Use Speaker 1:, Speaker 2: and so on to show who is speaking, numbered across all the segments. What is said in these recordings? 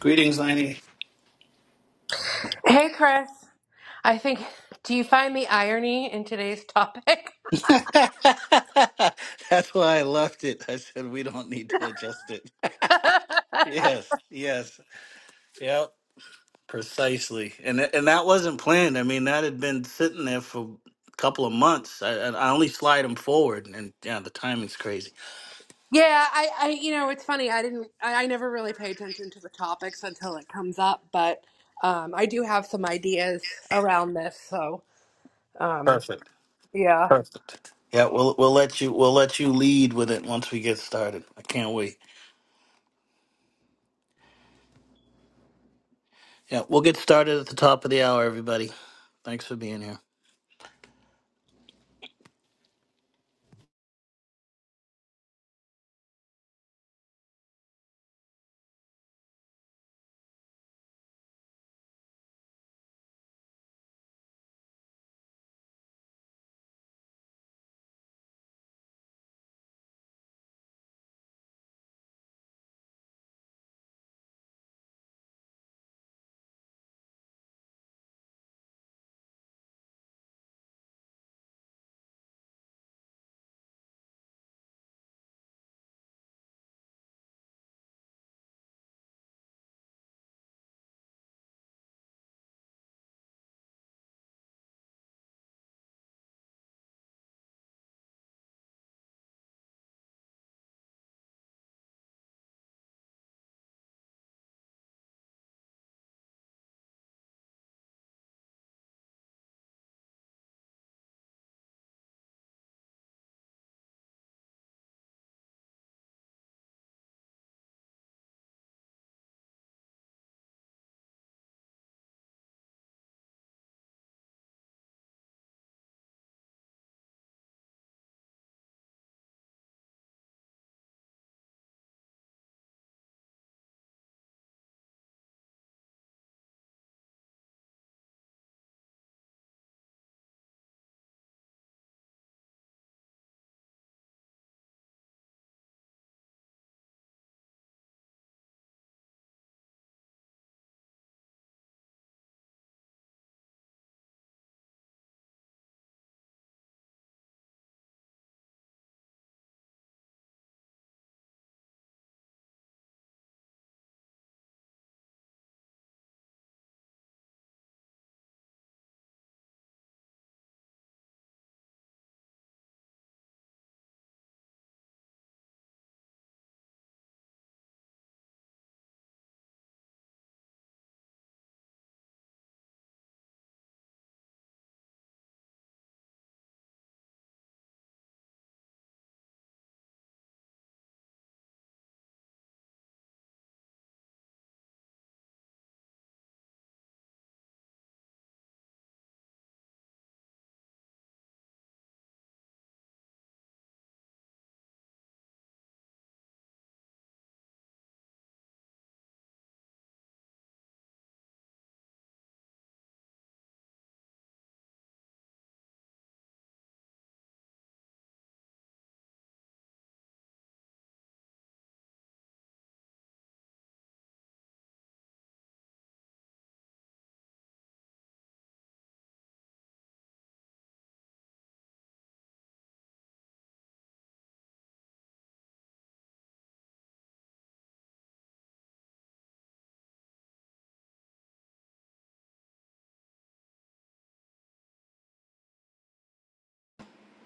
Speaker 1: Greetings, Lainey.
Speaker 2: Hey, Chris. I think, do you find the irony in today's topic?
Speaker 1: That's why I left it. I said we don't need to adjust it.
Speaker 2: yeah,
Speaker 1: yes, yes, yep, precisely. And tha- and that wasn't planned. I mean, that had been sitting there for a couple of months. I I I only slide them forward, and yeah, the timing's crazy.
Speaker 2: I, I, you know, it's funny. I didn't, I, I never really pay attention to the topics until it comes up, but um, I do have some ideas around this. So, um,
Speaker 1: Perfect,
Speaker 2: yeah.
Speaker 1: perfect. Yeah, we'll we'll let you we'll let you lead with it once we get started. I can't wait. Yeah, we'll get started at the top of the hour, everybody. Thanks for being here.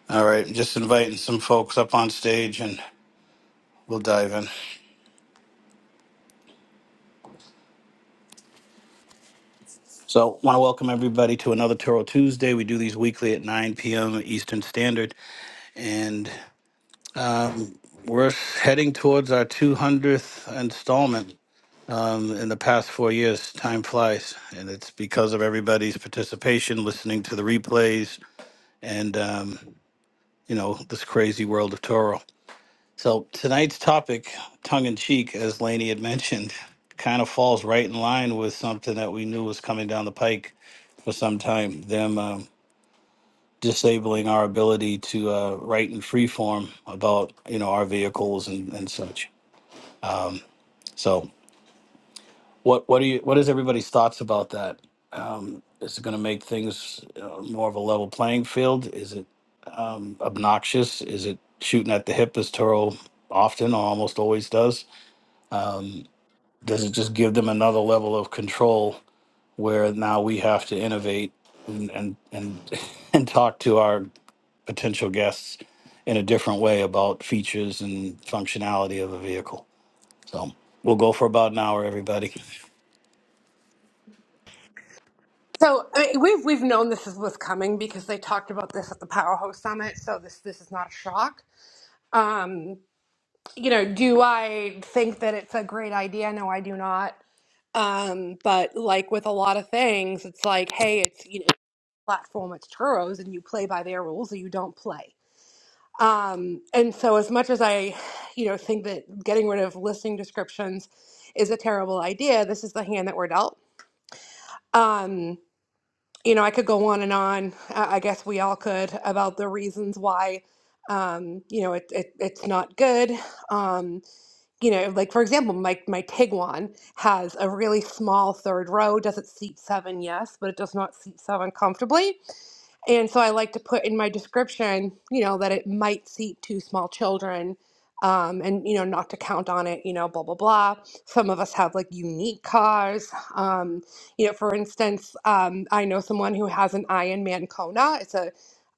Speaker 1: All right, just inviting some folks up on stage and We'll dive in. So, want to welcome everybody to another Toro Tuesday. We do these weekly at 9 p.m. Eastern Standard, and um, we're heading towards our 200th installment um, in the past four years. Time flies, and it's because of everybody's participation, listening to the replays, and um, you know this crazy world of Toro. So tonight's topic, tongue in cheek, as Laney had mentioned, kind of falls right in line with something that we knew was coming down the pike for some time. Them um, disabling our ability to uh, write in free form about you know our vehicles and, and such. So what what are you what is everybody's thoughts about that? Um, is it going to make things uh, more of a level playing field? Is it um, obnoxious? Is it shooting at the hip as Toro often or almost always does? does it just give them another level of control where now we have to innovate and and and, and talk to our potential guests in a different way about features and functionality of a vehicle so we'll go for about an hour everybody
Speaker 2: So I mean, we've we've known this is was coming because they talked about this at the Powerhouse Summit. So this this is not a shock. Um, you know, do I think that it's a great idea? No, I do not. Um, but like with a lot of things, it's like, hey, it's you know, platform, it's churros, and you play by their rules or you don't play. Um, and so as much as I, you know, think that getting rid of listing descriptions is a terrible idea, this is the hand that we're dealt. Um, you know, I could go on and on. I I guess we all could about the reasons why, um, you know, it, it, it's not good. Um, you know, like for example, my my Tiguan has a really small third row. Does it seat seven? Yes, but it does not seat seven comfortably. And so I like to put in my description, you know, that it might seat two small children um, and, you know, not to count on it, you know, blah, blah, blah. Some of us have like unique cars. Um, you know, for instance, um, I know someone who has an Iron Man Kona. It's a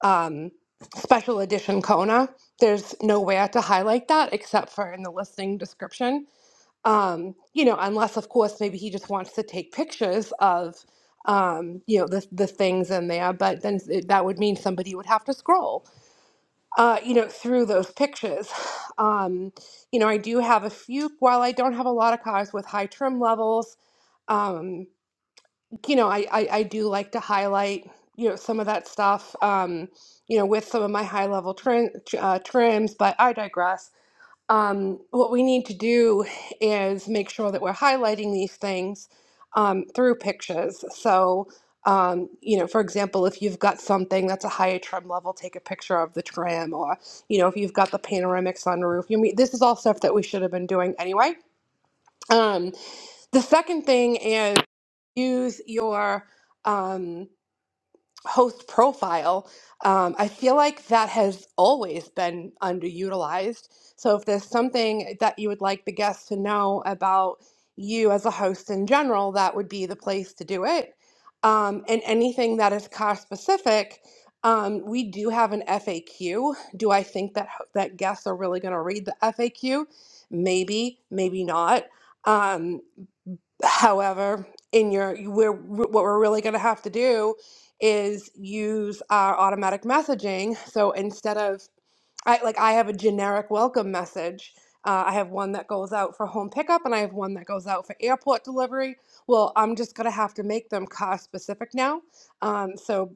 Speaker 2: um, special edition Kona. There's nowhere to highlight that except for in the listing description um, you know, unless of course maybe he just wants to take pictures of, um, you know, the the things in there. But then it, that would mean somebody would have to scroll, uh, you know, through those pictures. Um, you know, I do have a few. While I don't have a lot of cars with high trim levels, um, you know, I, I I do like to highlight, you know, some of that stuff. Um, you know, with some of my high level trim, uh, trims, but I digress um, what we need to do is make sure that we're highlighting these things um, through pictures. So, um, you know, for example, if you've got something that's a higher trim level, take a picture of the trim, or you know, if you've got the panoramic sunroof. You mean this is all stuff that we should have been doing anyway. Um, the second thing is use your um, host profile, um, I feel like that has always been underutilized. So if there's something that you would like the guests to know about you as a host in general, that would be the place to do it. Um, and anything that is car specific, um, we do have an FAQ. Do I think that ho- that guests are really going to read the FAQ? Maybe, maybe not. Um, However, in your you- we're what we're really going to have to do is use our automatic messaging. So instead of I like I have a generic welcome message. Uh, I have one that goes out for home pickup and I have one that goes out for airport delivery. Well, I'm just going to have to make them car specific now. Um, so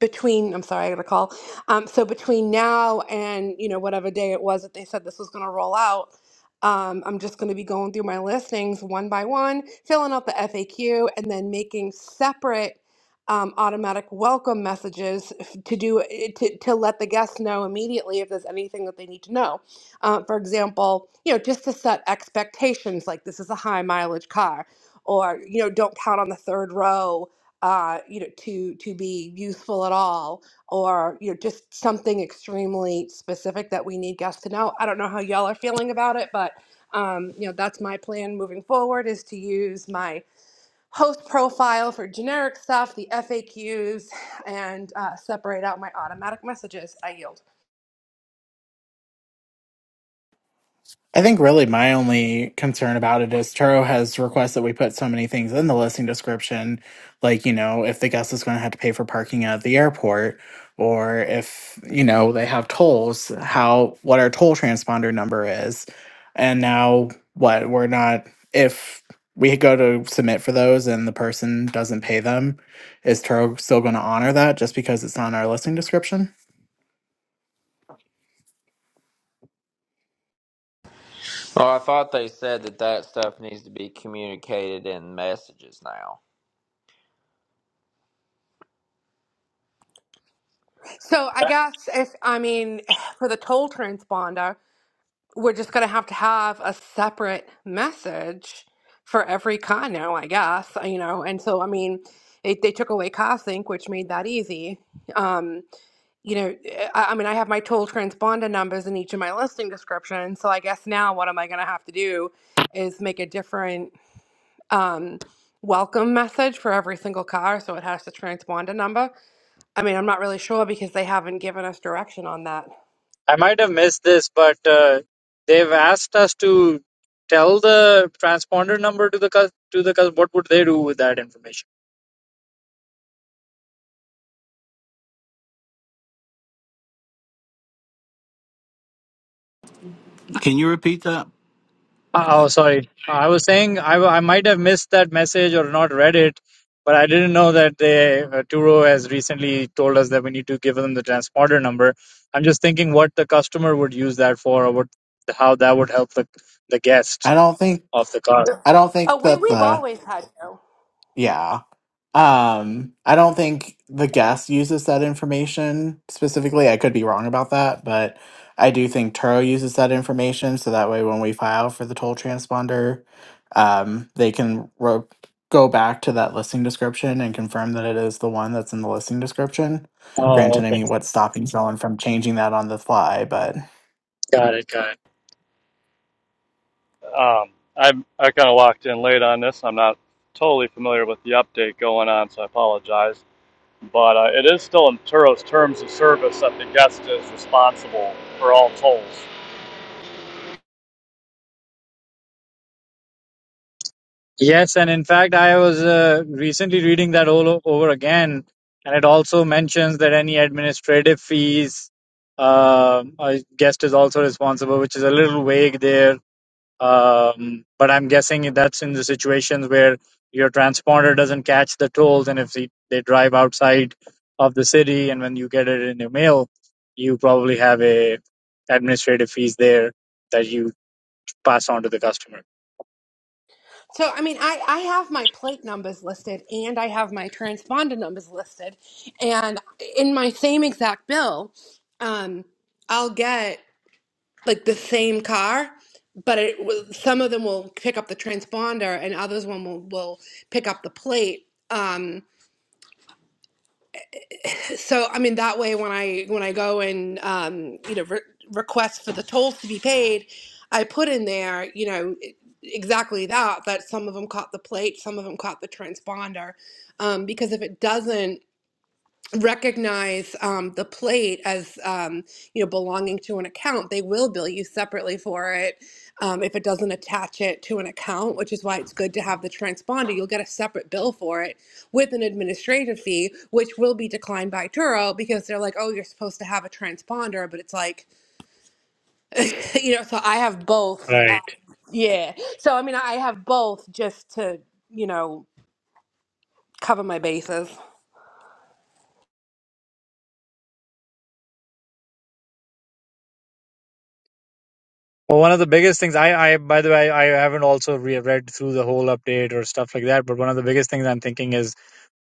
Speaker 2: between I'm sorry, I got a call. Um, so between now and you know whatever day it was that they said this was going to roll out, um, I'm just going to be going through my listings one by one, filling out the FAQ, and then making separate um, automatic welcome messages f- to do eh, to, to let the guests know immediately if there's anything that they need to know. Uh, for example, you know just to set expectations like this is a high mileage car, or you know don't count on the third row uh, you know, to to be useful at all, or you know, just something extremely specific that we need guests to know. I don't know how y'all are feeling about it, but um, you know, that's my plan moving forward is to use my host profile for generic stuff, the FAQs, and uh, separate out my automatic messages. I yield.
Speaker 3: I think really my only concern about it is Turo has requests that we put so many things in the listing description, like, you know, if the guest is going to have to pay for parking at the airport, or if, you know, they have tolls, how, what our toll transponder number is. And now what, we're not, if we go to submit for those and the person doesn't pay them, is Turo still going to honor that just because it's not in our listing description?
Speaker 4: Oh, I thought they said that that stuff needs to be communicated in messages now.
Speaker 2: So I
Speaker 5: I
Speaker 2: guess if I mean for the toll transponder. we're just going to have to have a separate message for every con now, I guess, you know. And so, I mean, it, they took away Cosync, which made that easy. Um, you know, I, I mean, I have my toll transponder numbers in each of my listing descriptions. So I guess now what am I going to have to do is make a different um, welcome message for every single car. So it has the transponder number. I mean, I'm not really sure because they haven't given us direction on that.
Speaker 5: might have missed this, but uh, they've asked us to tell the transponder number to the cus- to the cus- what would they do with that information?
Speaker 1: Can you repeat that?
Speaker 5: Uh, Oh, sorry. I was saying I, w- I might have missed that message or not read it, but I didn't know that they uh, Turo has recently told us that we need to give them the transponder number. I'm just thinking what the customer would use that for, or what how that would help the the
Speaker 3: I
Speaker 5: guest
Speaker 3: don't think
Speaker 5: of the car.
Speaker 2: Yeah.
Speaker 3: I don't think
Speaker 2: Oh, we,
Speaker 3: that
Speaker 2: we've
Speaker 3: the
Speaker 2: always had to.
Speaker 3: yeah. Um, I don't think the guest uses that information specifically. I could be wrong about that, but I do think Turo uses that information so that way when we file for the toll transponder, um, they can ro- go back to that listing description and confirm that it is the one that's in the listing description.
Speaker 5: Oh,
Speaker 3: Granted, I
Speaker 5: okay.
Speaker 3: mean, what's stopping someone from changing that on the fly, but
Speaker 5: Got it. Got it.
Speaker 6: Um, I'm, I kind of walked in late on this. I'm not totally familiar with the update going on, so I apologize. But uh, it is still in Turo's terms of service that the guest is responsible for all tolls.
Speaker 5: Yes, and in fact, I was uh, recently reading that all o- over again, and it also mentions that any administrative fees, uh, I guessed, is also responsible, which is a little vague there. Um, but I'm guessing that's in the situations where your transponder doesn't catch the tolls, and if they, they drive outside of the city, and when you get it in your mail, you probably have a administrative fees there that you pass on to the customer.
Speaker 2: So, I mean, I, I have my plate numbers listed and I have my transponder numbers listed. And in my same exact bill, um, I'll get like the same car, but it will, some of them will pick up the transponder and others one will, will pick up the plate. Um, so i mean that way when i when i go and um, you know re- request for the tolls to be paid i put in there you know e- exactly that that some of them caught the plate some of them caught the transponder um, because if it doesn't recognize um, the plate as um, you know belonging to an account they will bill you separately for it um, if it doesn't attach it to an account which is why it's good to have the transponder you'll get a separate bill for it with an administrative fee which will be declined by turo because they're like oh you're supposed to have a transponder but it's like you know so i have both uh,
Speaker 5: Right.
Speaker 2: yeah so i mean i have both just to you know cover my bases
Speaker 5: Well, one of the biggest things I, I by the way, I haven't also re- read through the whole update or stuff like that. But one of the biggest things I'm thinking is,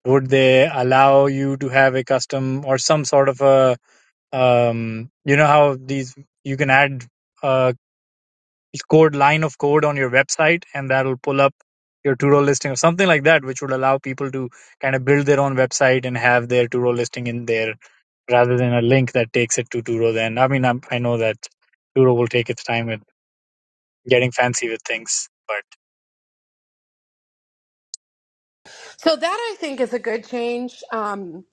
Speaker 5: would they allow you to have a custom or some sort of a, um, you know how these you can add a code line of code on your website and that'll pull up your to-do listing or something like that, which would allow people to kind of build their own website and have their to-do listing in there rather than a link that takes it to Turo. Then I mean, I'm, I know that Turo will take its time getting fancy with things. But
Speaker 2: so that i think is a good change um,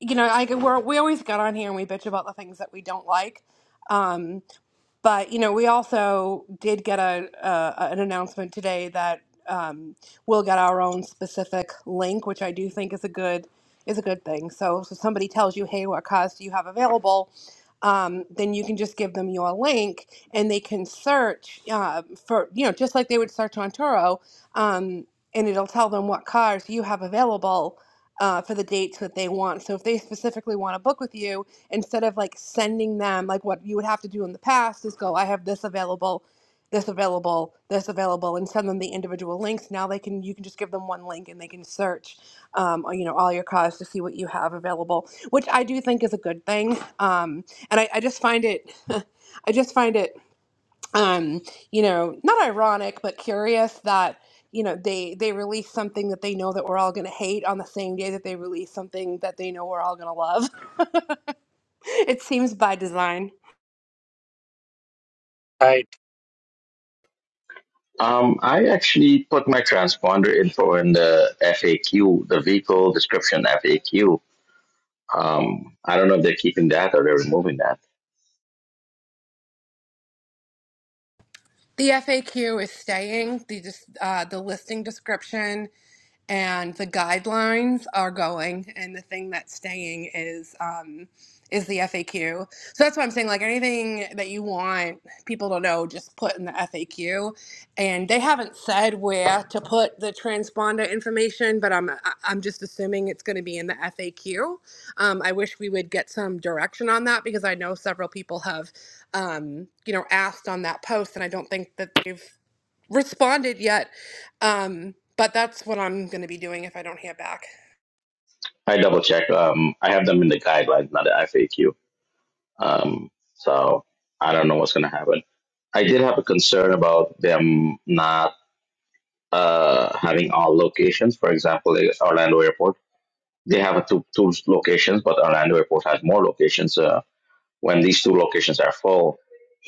Speaker 2: you know, I we're, we always get on here and we bitch about the things that we don't like. Um, but you know, we also did get a, uh, a an announcement today that um, we'll get our own specific link, which I do think is a good is a good thing. So, so somebody tells you, "Hey, what cars do you have available?" Um, then you can just give them your link, and they can search uh, for you know just like they would search on Turo, um, and it'll tell them what cars you have available uh, for the dates that they want. So if they specifically want to book with you, instead of like sending them like what you would have to do in the past is go i have this available this available this available and send them the individual links now they can you can just give them one link and they can search um, you know all your cars to see what you have available which i do think is a good thing um, and I, I just find it i just find it um, you know not ironic but curious that you know they they release something that they know that we're all going to hate on the same day that they release something that they know we're all going to love it seems by design.
Speaker 5: right,
Speaker 7: Um, I actually put my transponder info in the FAQ, the vehicle description FAQ. Um, I don't know if they're keeping that or they're removing that.
Speaker 2: The FAQ is staying. The dis- uh, the listing description and the guidelines are going, and the thing that's staying is um, is the FAQ. So that's why I'm saying like anything that you want people to know, just put in the FAQ. And they haven't said where to put the transponder information, but I'm I- I'm just assuming it's going to be in the FAQ. Um, I wish we would get some direction on that because I know several people have um, you know, asked on that post, and I don't think that they've responded yet. Um, but that's what I'm going to be doing if I don't hear back.
Speaker 7: I double check. Um, I have them in the guidelines, not the FAQ. Um, so I don't know what's going to happen. I did have a concern about them not uh, having all locations. For example, the Orlando Airport, they have a two, two locations, but Orlando Airport has more locations. Uh, When these two locations are full,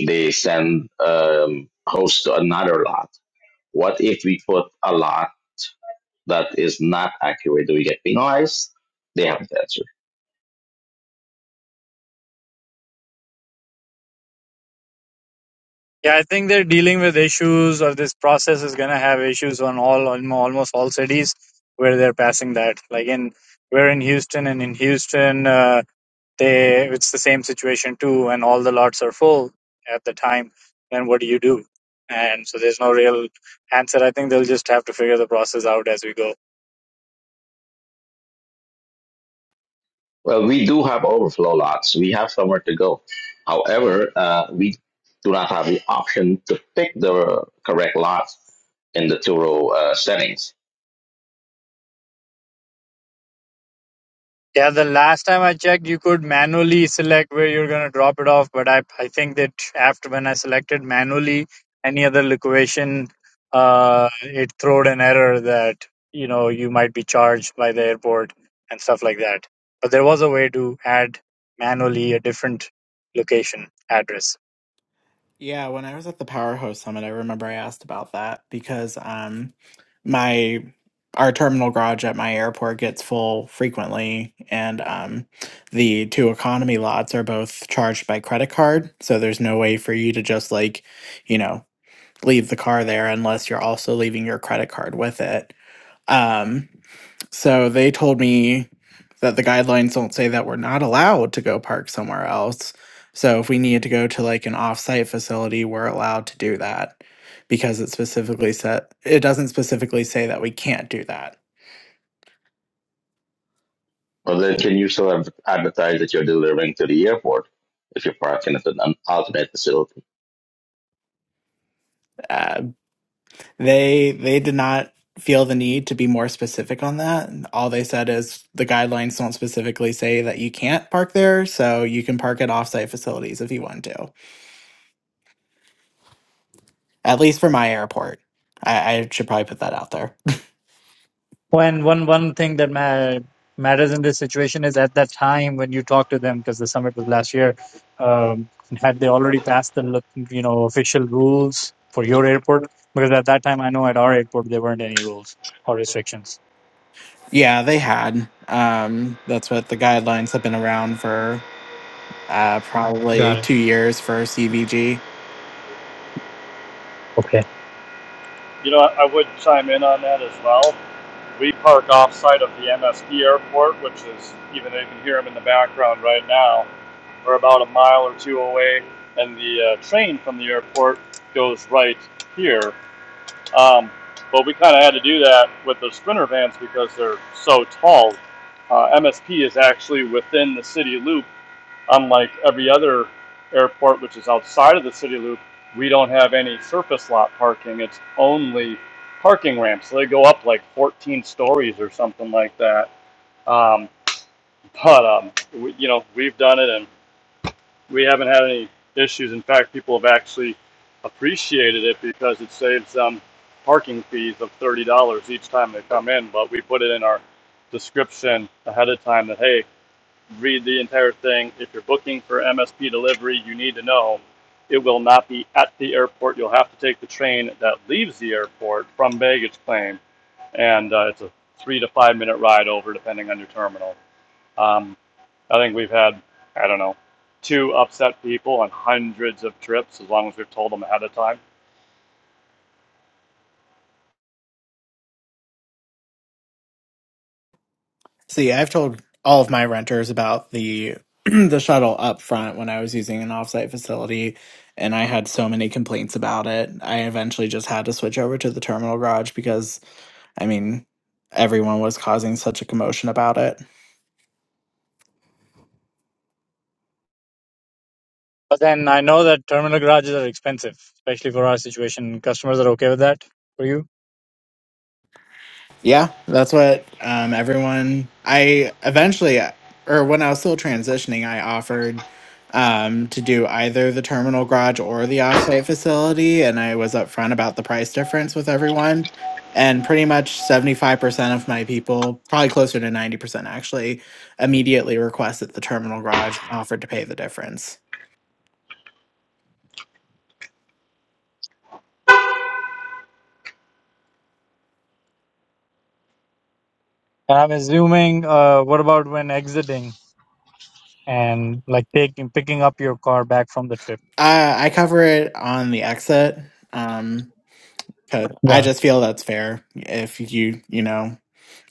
Speaker 7: they send um, hosts to another lot. What if we put a lot that is not accurate? Do we get penalized? They have not answered.
Speaker 5: yeah, I think they're dealing with issues, or this process is gonna have issues on all on almost all cities where they're passing that. Like in we're in Houston, and in Houston, uh, they it's the same situation too, and all the lots are full at the time. Then what do you do? And so there's no real answer. I think they'll just have to figure the process out as we go.
Speaker 7: Well, we do have overflow lots. We have somewhere to go. However, uh, we do not have the option to pick the correct lot in the two row uh, settings.
Speaker 5: Yeah, the last time I checked, you could manually select where you're going to drop it off. But I, I think that after when I selected manually any other location, uh, it throwed an error that, you know, you might be charged by the airport and stuff like that. But there was a way to add manually a different location address.
Speaker 3: Yeah, when I was at the Powerhouse Summit, I remember I asked about that because um my our terminal garage at my airport gets full frequently and um the two economy lots are both charged by credit card, so there's no way for you to just like, you know, leave the car there unless you're also leaving your credit card with it. Um, so they told me that the guidelines don't say that we're not allowed to go park somewhere else. So if we need to go to like an offsite facility, we're allowed to do that because it specifically said it doesn't specifically say that we can't do that.
Speaker 7: Well, then can you still adv- advertise that you're delivering to the airport if you're parking at an alternate facility?
Speaker 3: Uh, they they did not feel the need to be more specific on that. All they said is the guidelines don't specifically say that you can't park there, so you can park at offsite facilities if you want to. At least for my airport. I, I should probably put that out there.
Speaker 5: and one one thing that ma- matters in this situation is at that time when you talk to them, because the summit was last year, um, had they already passed the you know official rules for your airport? Because at that time, I know at our airport there weren't any rules or restrictions.
Speaker 3: yeah, they had. Um, that's what the guidelines have been around for uh, probably
Speaker 5: Got it.
Speaker 3: two years for CVG.
Speaker 5: Okay.
Speaker 6: You know, I would chime in on that as well. We park off site of the MSP airport, which is, even though you can hear them in the background right now, we're about a mile or two away, and the uh, train from the airport goes right here Um, but we kind of had to do that with the sprinter vans because they're so tall. Uh, MSP is actually within the city loop, unlike every other airport, which is outside of the city loop. We don't have any surface lot parking, it's only parking ramps. So they go up like 14 stories or something like that. Um, but, um, we, you know, we've done it and we haven't had any issues. In fact, people have actually appreciated it because it saves them parking fees of thirty dollars each time they come in. But we put it in our description ahead of time that hey, read the entire thing. If you're booking for MSP delivery, you need to know it will not be at the airport. You'll have to take the train that leaves the airport from baggage claim, and uh, it's a three to five minute ride over, depending on your terminal. Um, I think we've had, I don't know, two upset people on hundreds of trips as long as we've told them ahead of time.
Speaker 3: See, I've told all of my renters about the the shuttle up front when I was using an offsite facility, and I had so many complaints about it. I eventually just had to switch over to the terminal garage because, I mean, everyone was causing such a commotion about it.
Speaker 5: But then I know that terminal garages are expensive, especially for our situation. Customers are okay with that for you.
Speaker 3: Yeah, that's what um, everyone. I eventually, or when I was still transitioning, I offered um, to do either the terminal garage or the offsite facility, and I was upfront about the price difference with everyone. And pretty much 75% of my people, probably closer to 90% actually, immediately requested the terminal garage and offered to pay the difference.
Speaker 5: And I'm assuming, uh, what about when exiting and like taking picking up your car back from the trip?
Speaker 3: I, I cover it on the exit. Um, 'cause
Speaker 5: Got it.
Speaker 3: I just feel that's fair if you, you know.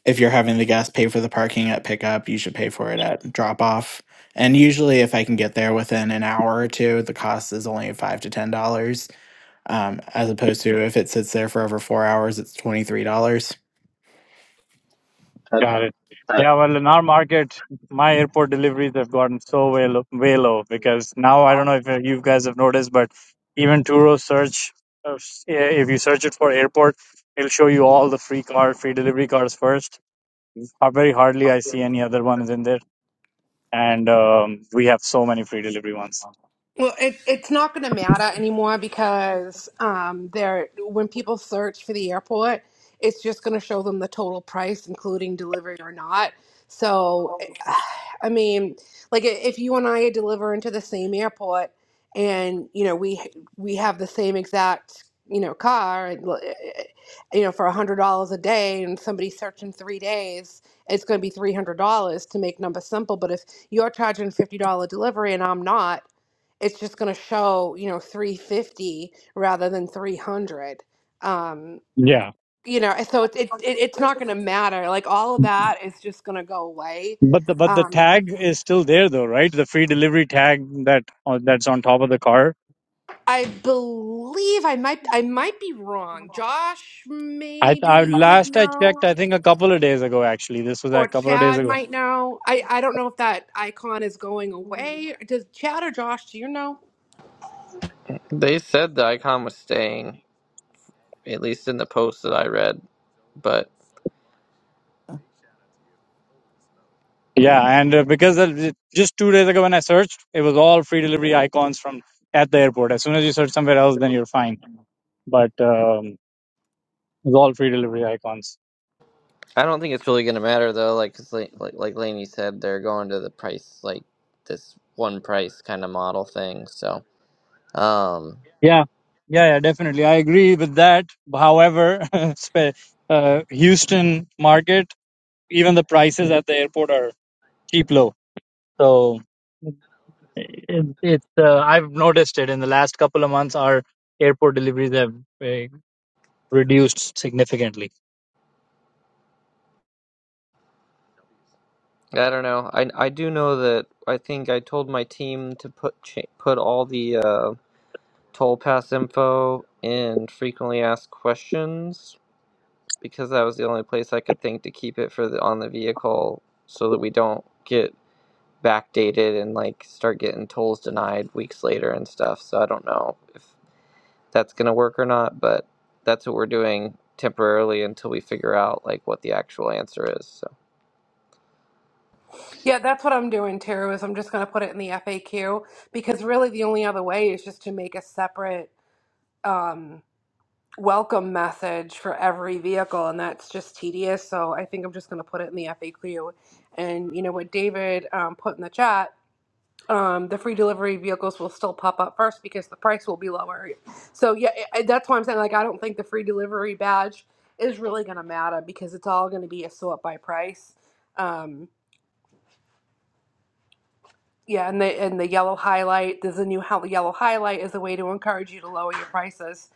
Speaker 3: if you're having the guest pay for the parking at pickup, you should pay for it at drop off. And usually, if I can get there within an hour or two, the cost is only five to ten dollars, um, as opposed to if it sits there for over four hours, it's twenty three dollars.
Speaker 7: At,
Speaker 5: Got it. Yeah, well, in our market, my airport deliveries have gotten so way low, way low because now I don't know if you guys have noticed, but even Turo search, uh, if you search it for airport, it'll show you all the free car, free delivery cars first. Uh, very hardly I see any other ones in there, and um, we have so many free delivery ones.
Speaker 2: Well, it, it's not going to matter anymore because um, they're when people search for the airport, it's just going to show them the total price, including delivery or not. So, I mean, like i- if you and I deliver into the same airport, and you know we we have the same exact you know car, and, l- eh, eh, you know for a hundred dollars a day, and somebody's searching three days, it's going to be three hundred dollars to make numbers simple. But if you're charging fifty dollar delivery and I'm not it's just going to show you know 350 rather than 300 um
Speaker 5: Yeah,
Speaker 2: you know and so it, it, it it's not going to matter like all of that is just going to go away
Speaker 5: but the but the
Speaker 2: um
Speaker 5: tag is still there though, right? The free delivery tag that uh, that's on top of the car
Speaker 2: i believe i might i might be wrong josh
Speaker 5: I,
Speaker 2: maybe
Speaker 5: I
Speaker 2: you would
Speaker 5: last I
Speaker 2: know
Speaker 5: checked, I think a couple of days ago. Actually, this was
Speaker 2: or
Speaker 5: a couple of days
Speaker 2: chad
Speaker 5: ago.
Speaker 2: might know i i don't know if that icon is going away does chad or josh do you know
Speaker 8: They said the icon was staying, at least in the post that I read. But
Speaker 5: Yeah, and uh, because of- just two days ago when I searched, it was all free delivery icons from at the airport. As soon as you search somewhere else, then you're fine. But um, it was all free delivery icons.
Speaker 8: I don't think it's really going to matter though. Like, 'cause like like like Lainey said, they're going to the price like this one price kind of model thing. So um,
Speaker 5: Yeah, yeah, yeah, definitely. I agree with that. However, spe- uh, Houston market, even the prices at the airport are cheap low. So. It, it's uh, I've noticed it in the last couple of months. Our airport deliveries have uh, reduced significantly.
Speaker 8: I don't know. I I do know that I think I told my team to put cha- put all the uh, toll pass info in frequently asked questions because that was the only place I could think to keep it for the on the vehicle so that we don't get backdated and like start getting tolls denied weeks later and stuff. So I don't know if that's going to work or not, but that's what we're doing temporarily until we figure out like what the actual answer is. So
Speaker 2: yeah that's what i'm doing too is i'm just going to put it in the faq because really the only other way is just to make a separate um, welcome message for every vehicle, and that's just tedious. So I think I'm just going to put it in the FAQ. And you know what David um, put in the chat. Um, the free delivery vehicles will still pop up first because the price will be lower. So yeah, I- I- that's why I'm saying like I don't think the free delivery badge is really going to matter because it's all going to be a sort by price. Um, Yeah, and the and the yellow highlight. There's a new hel- yellow highlight as a way to encourage you to lower your prices.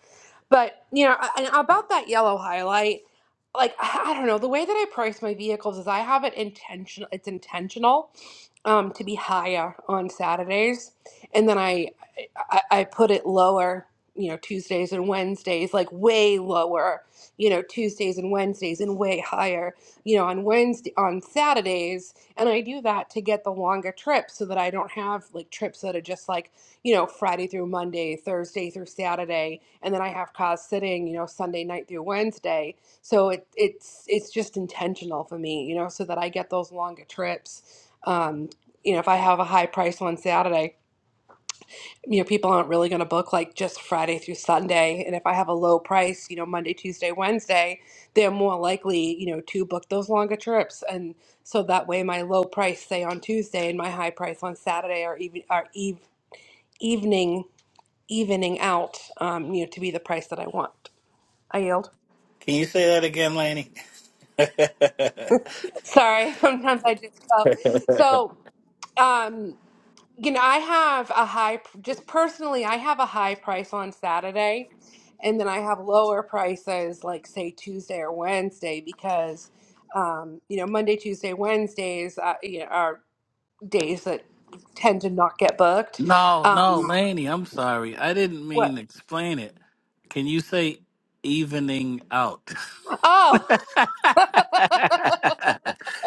Speaker 2: But you know, a- and about that yellow highlight, like I I don't know, the way that I price my vehicles is I have it intentional. It's intentional um, to be higher on Saturdays, and then I, I I put it lower. You know, Tuesdays and Wednesdays, like way lower. You know, Tuesdays and Wednesdays, and way higher. You know, on Wednesday on Saturdays and I do that to get the longer trips so that I don't have like trips that are just like, you know, Friday through Monday, Thursday through Saturday, and then I have cars sitting, you know, Sunday night through Wednesday. So it it's it's just intentional for me, you know, so that I get those longer trips. Um, you know, if I have a high price on Saturday, you know, people aren't really going to book like just Friday through Sunday. And if I have a low price, you know, Monday, Tuesday, Wednesday, they're more likely, you know, to book those longer trips. And so that way my low price, say on Tuesday, and my high price on Saturday are even are eve, evening evening out, um, you know, to be the price that I want. I yield.
Speaker 1: can you say that again laney
Speaker 2: Sorry, sometimes I just go. So, um, You know, I have a high, just personally, I have a high price on Saturday, and then I have lower prices like say Tuesday or Wednesday because, um, you know, Monday, Tuesday, Wednesdays, uh, you know, are days that tend to not get booked.
Speaker 1: No, no,
Speaker 2: Um,
Speaker 1: Laney, I'm sorry. I didn't
Speaker 2: what?
Speaker 1: mean explain it. Can you say evening out?
Speaker 2: Oh,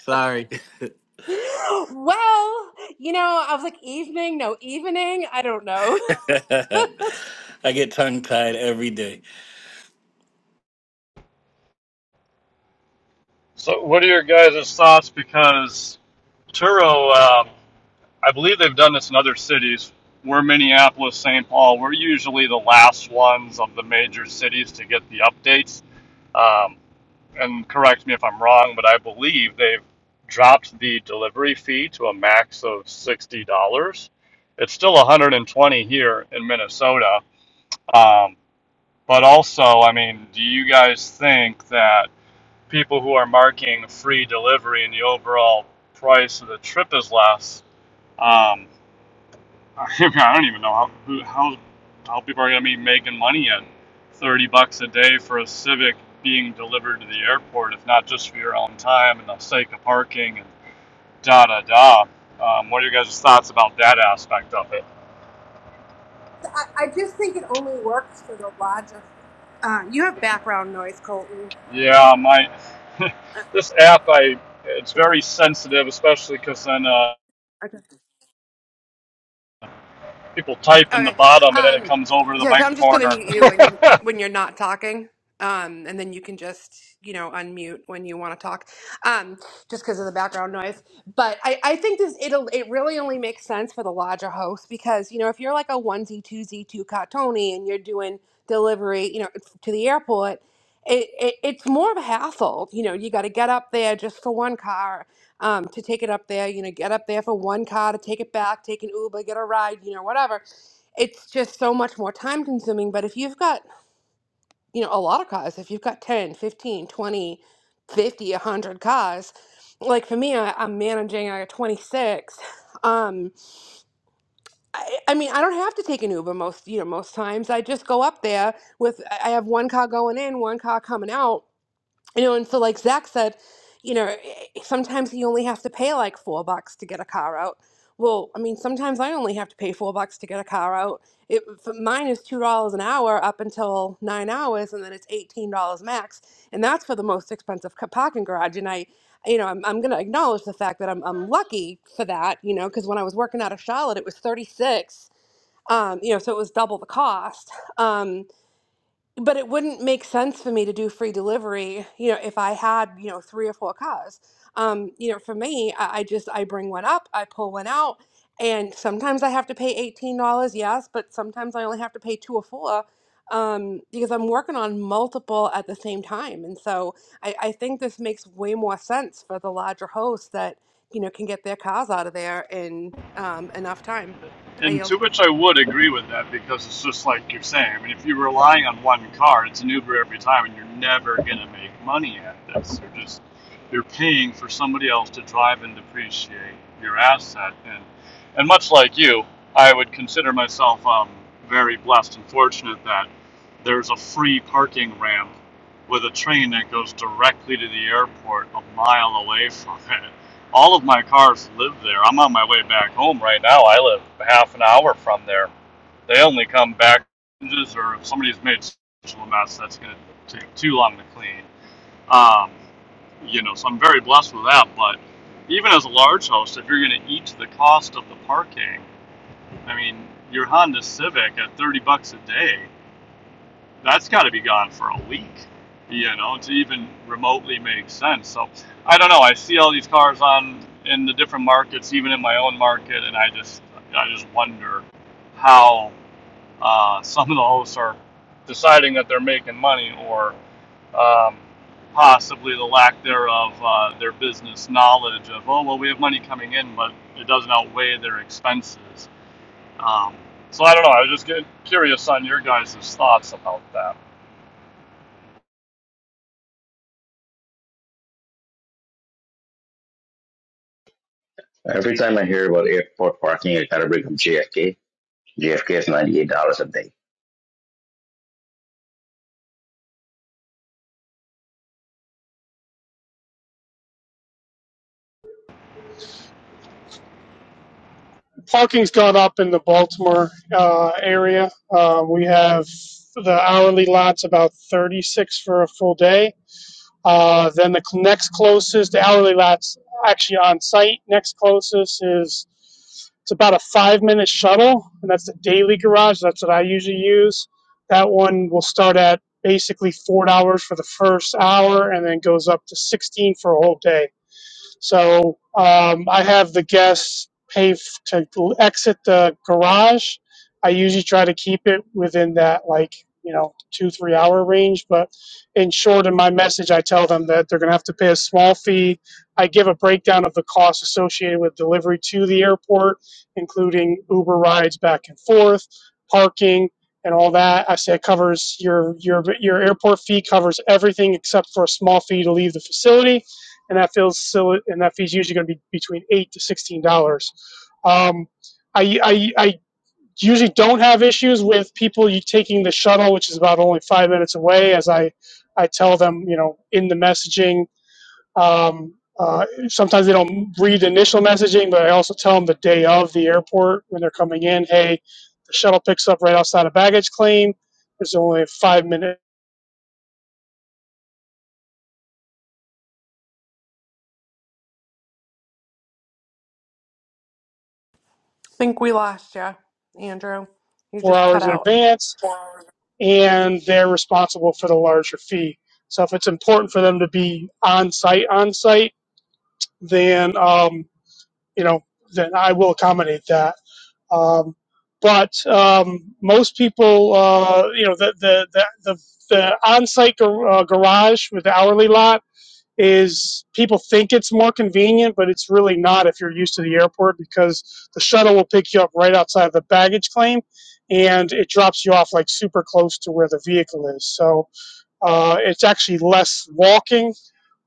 Speaker 1: sorry.
Speaker 2: well, you know, I was like evening, no evening, I don't know.
Speaker 1: I get tongue tied every day.
Speaker 6: So, what are your guys' thoughts? Because Turo, um, I believe they've done this in other cities. We're Minneapolis, St. Paul. We're usually the last ones of the major cities to get the updates. Um, and correct me if I'm wrong, but I believe they've dropped the delivery fee to a max of $60. It's still 120 here in Minnesota. Um, But also, I mean, do you guys think that people who are marking free delivery and the overall price of the trip is less? Um, I don't even know how who, how how people are going to be making money at thirty bucks a day for a Civic being delivered to the airport, if not just for your own time and the sake of parking and da da da. Um, what are your guys' thoughts about that aspect of it?
Speaker 2: I, I just think it only works for the larger. Uh, you have background noise, Colton.
Speaker 6: Yeah, my this app, I it's very sensitive, especially because then. Uh,
Speaker 2: Uh,
Speaker 6: people type in the
Speaker 2: Okay.
Speaker 6: bottom and then it
Speaker 2: Um,
Speaker 6: comes over to the
Speaker 2: yeah, so
Speaker 6: mic
Speaker 2: I'm just gonna
Speaker 6: corner.
Speaker 2: mute you when you're when you're not talking. Um, and then you can just, you know, unmute when you want to talk, um, just because of the background noise. But I, I think this it'll it really only makes sense for the lodger host because you know if you're like a one z two z two Tony and you're doing delivery, you know, to the airport, it, it it's more of a hassle. You know, you got to get up there just for one car, um, to take it up there. You know, get up there for one car to take it back, take an Uber, get a ride, you know, whatever it's just so much more time consuming but if you've got you know a lot of cars if you've got 10 15 100 cars like for me I, i'm managing i got 26 um I, I mean i don't have to take an uber most you know most times i just go up there with I have one car going in one car coming out you know, and so like Zach said, you know, sometimes he only has to pay like four bucks to get a car out. Well, I mean, sometimes I only have to pay four bucks to get a car out. It for mine is two dollars an hour up until nine hours, and then it's eighteen dollars max, and that's for the most expensive ca- parking garage. And I, you know, I'm, I'm gonna acknowledge the fact that I'm I'm lucky for that, you know, because when I was working out of Charlotte, it was thirty six. Um, you know, so it was double the cost. Um, but it wouldn't make sense for me to do free delivery you know if i had you know three or four cars um you know for me i, I just i bring one up i pull one out and sometimes i have to pay $18 yes but sometimes i only have to pay two or four um, because i'm working on multiple at the same time and so I, I think this makes way more sense for the larger hosts that you know can get their cars out of there in um, enough time i
Speaker 6: And to
Speaker 2: yield
Speaker 6: which I would agree with that because it's just like you're saying. I mean, if you're relying on one car, it's an Uber every time, and you're never going to make money at this. You're just you're paying for somebody else to drive and depreciate your asset. And and much like you, I would consider myself um, very blessed and fortunate that there's a free parking ramp with a train that goes directly to the airport a mile away from it all of my cars live there. I'm on my way back home right now. I live half an hour from there. They only come back changes or if somebody's made such a mess, that's going to take too long to clean. Um, you know, so I'm very blessed with that. But even as a large house, if you're going to eat to the cost of the parking, I mean, your Honda Civic at 30 bucks a day that's got to be gone for a week, you know, to even remotely make sense. So I don't know. I see all these cars on in the different markets, even in my own market, and I just I just wonder how uh, some of the hosts are deciding that they're making money or um, possibly the lack thereof uh, their business knowledge of oh well we have money coming in but it doesn't outweigh their expenses um, so i don't know i was just get curious on your guys' thoughts about that
Speaker 7: Every time I hear about airport parking, I gotta bring up JFK. JFK is ninety-eight dollars a day.
Speaker 9: Parking's gone up in the Baltimore uh, area. Uh, we have the hourly lot's about 36 for a full day. Uh, then the next closest, the hourly lot's actually on site. Next closest is it's about a five minute shuttle, and that's the daily garage. That's what I usually use. That one will start at basically four dollars for the first hour, and then goes up to 16 dollars for a whole day so um, I have the guests pay f- to exit the garage. I usually try to keep it within that, like, you know, two, three hour range. But in short, in my message, I tell them that they're going to have to pay a small fee. I give a breakdown of the costs associated with delivery to the airport, including Uber rides back and forth, parking, and all that. I say it covers your, your, your airport fee, covers everything except for a small fee to leave the facility and that feels silly, and that fee's usually going to be between eight to sixteen dollars. Um, I, I I usually don't have issues with people taking the shuttle, which is about only five minutes away, as I I tell them you know in the messaging. Um, uh, sometimes they don't read the initial messaging, but I also tell them the day of the airport when they're coming in. Hey, the shuttle picks up right outside of baggage claim. It's only five minutes,
Speaker 2: think we lost you andrew you
Speaker 9: four
Speaker 2: just cut
Speaker 9: hours in
Speaker 2: out
Speaker 9: advance and they're responsible for the larger fee. So if it's important for them to be on site, on site, then um, you know, then I will accommodate that. Um, but um, most people, uh, you know, the the the, the, the on-site gar- uh, garage with the hourly lot is people think it's more convenient, but it's really not if you're used to the airport because the shuttle will pick you up right outside of the baggage claim, and it drops you off like super close to where the vehicle is. So uh, it's actually less walking,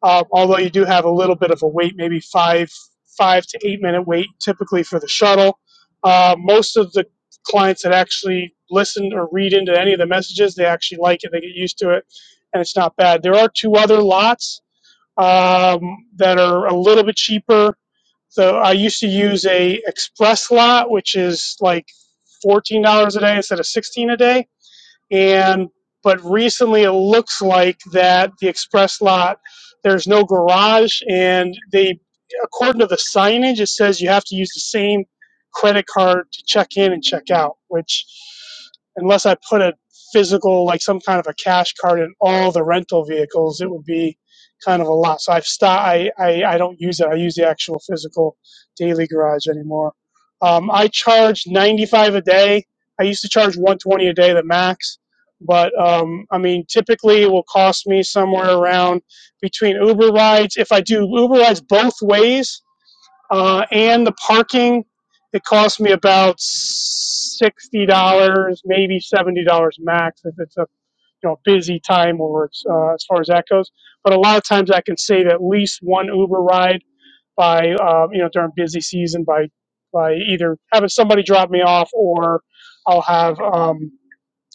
Speaker 9: uh, although you do have a little bit of a wait, maybe five five to eight minute wait typically for the shuttle. Uh, most of the clients that actually listen or read into any of the messages, they actually like it, they get used to it, and it's not bad. There are two other lots um, that are a little bit cheaper. So I used to use a express lot, which is like fourteen dollars a day instead of sixteen dollars a day and but recently it looks like that the express lot there's no garage and they according to the signage it says you have to use the same credit card to check in and check out which unless i put a physical like some kind of a cash card in all the rental vehicles it would be kind of a lot so i've stopped I, I i don't use it i use the actual physical daily garage anymore um, i charge 95 a day i used to charge 120 a day the max but um, I mean, typically it will cost me somewhere around between Uber rides. If I do Uber rides both ways uh, and the parking, it costs me about sixty dollars, maybe seventy dollars max if it's a you know busy time or it's uh, as far as that goes. But a lot of times I can save at least one Uber ride by um, you know during busy season by by either having somebody drop me off or I'll have um,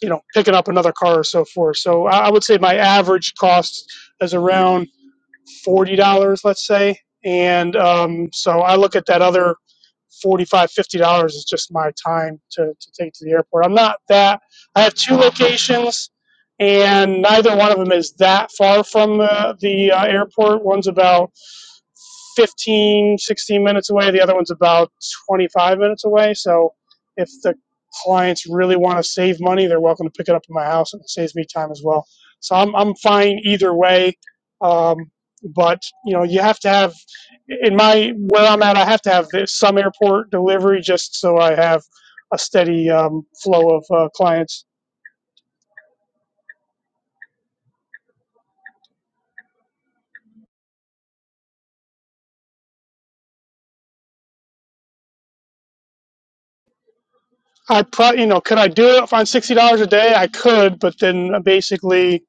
Speaker 9: you know picking up another car or so forth. So I would say my average cost is around forty dollars, let's say. And um, so I look at that other forty-five, fifty dollars is just my time to, to take to the airport. I'm not that. I have two locations, and neither one of them is that far from uh, the uh, airport. One's about 15, 16 minutes away. The other one's about 25 minutes away. So if the clients really want to save money, they're welcome to pick it up at my house and it saves me time as well. So I'm, I'm fine either way. Um, but you know you have to have in my where i'm at i have to have this, some airport delivery just so i have a steady um, flow of uh, clients i probably you know could i do it on $60 a day i could but then uh, basically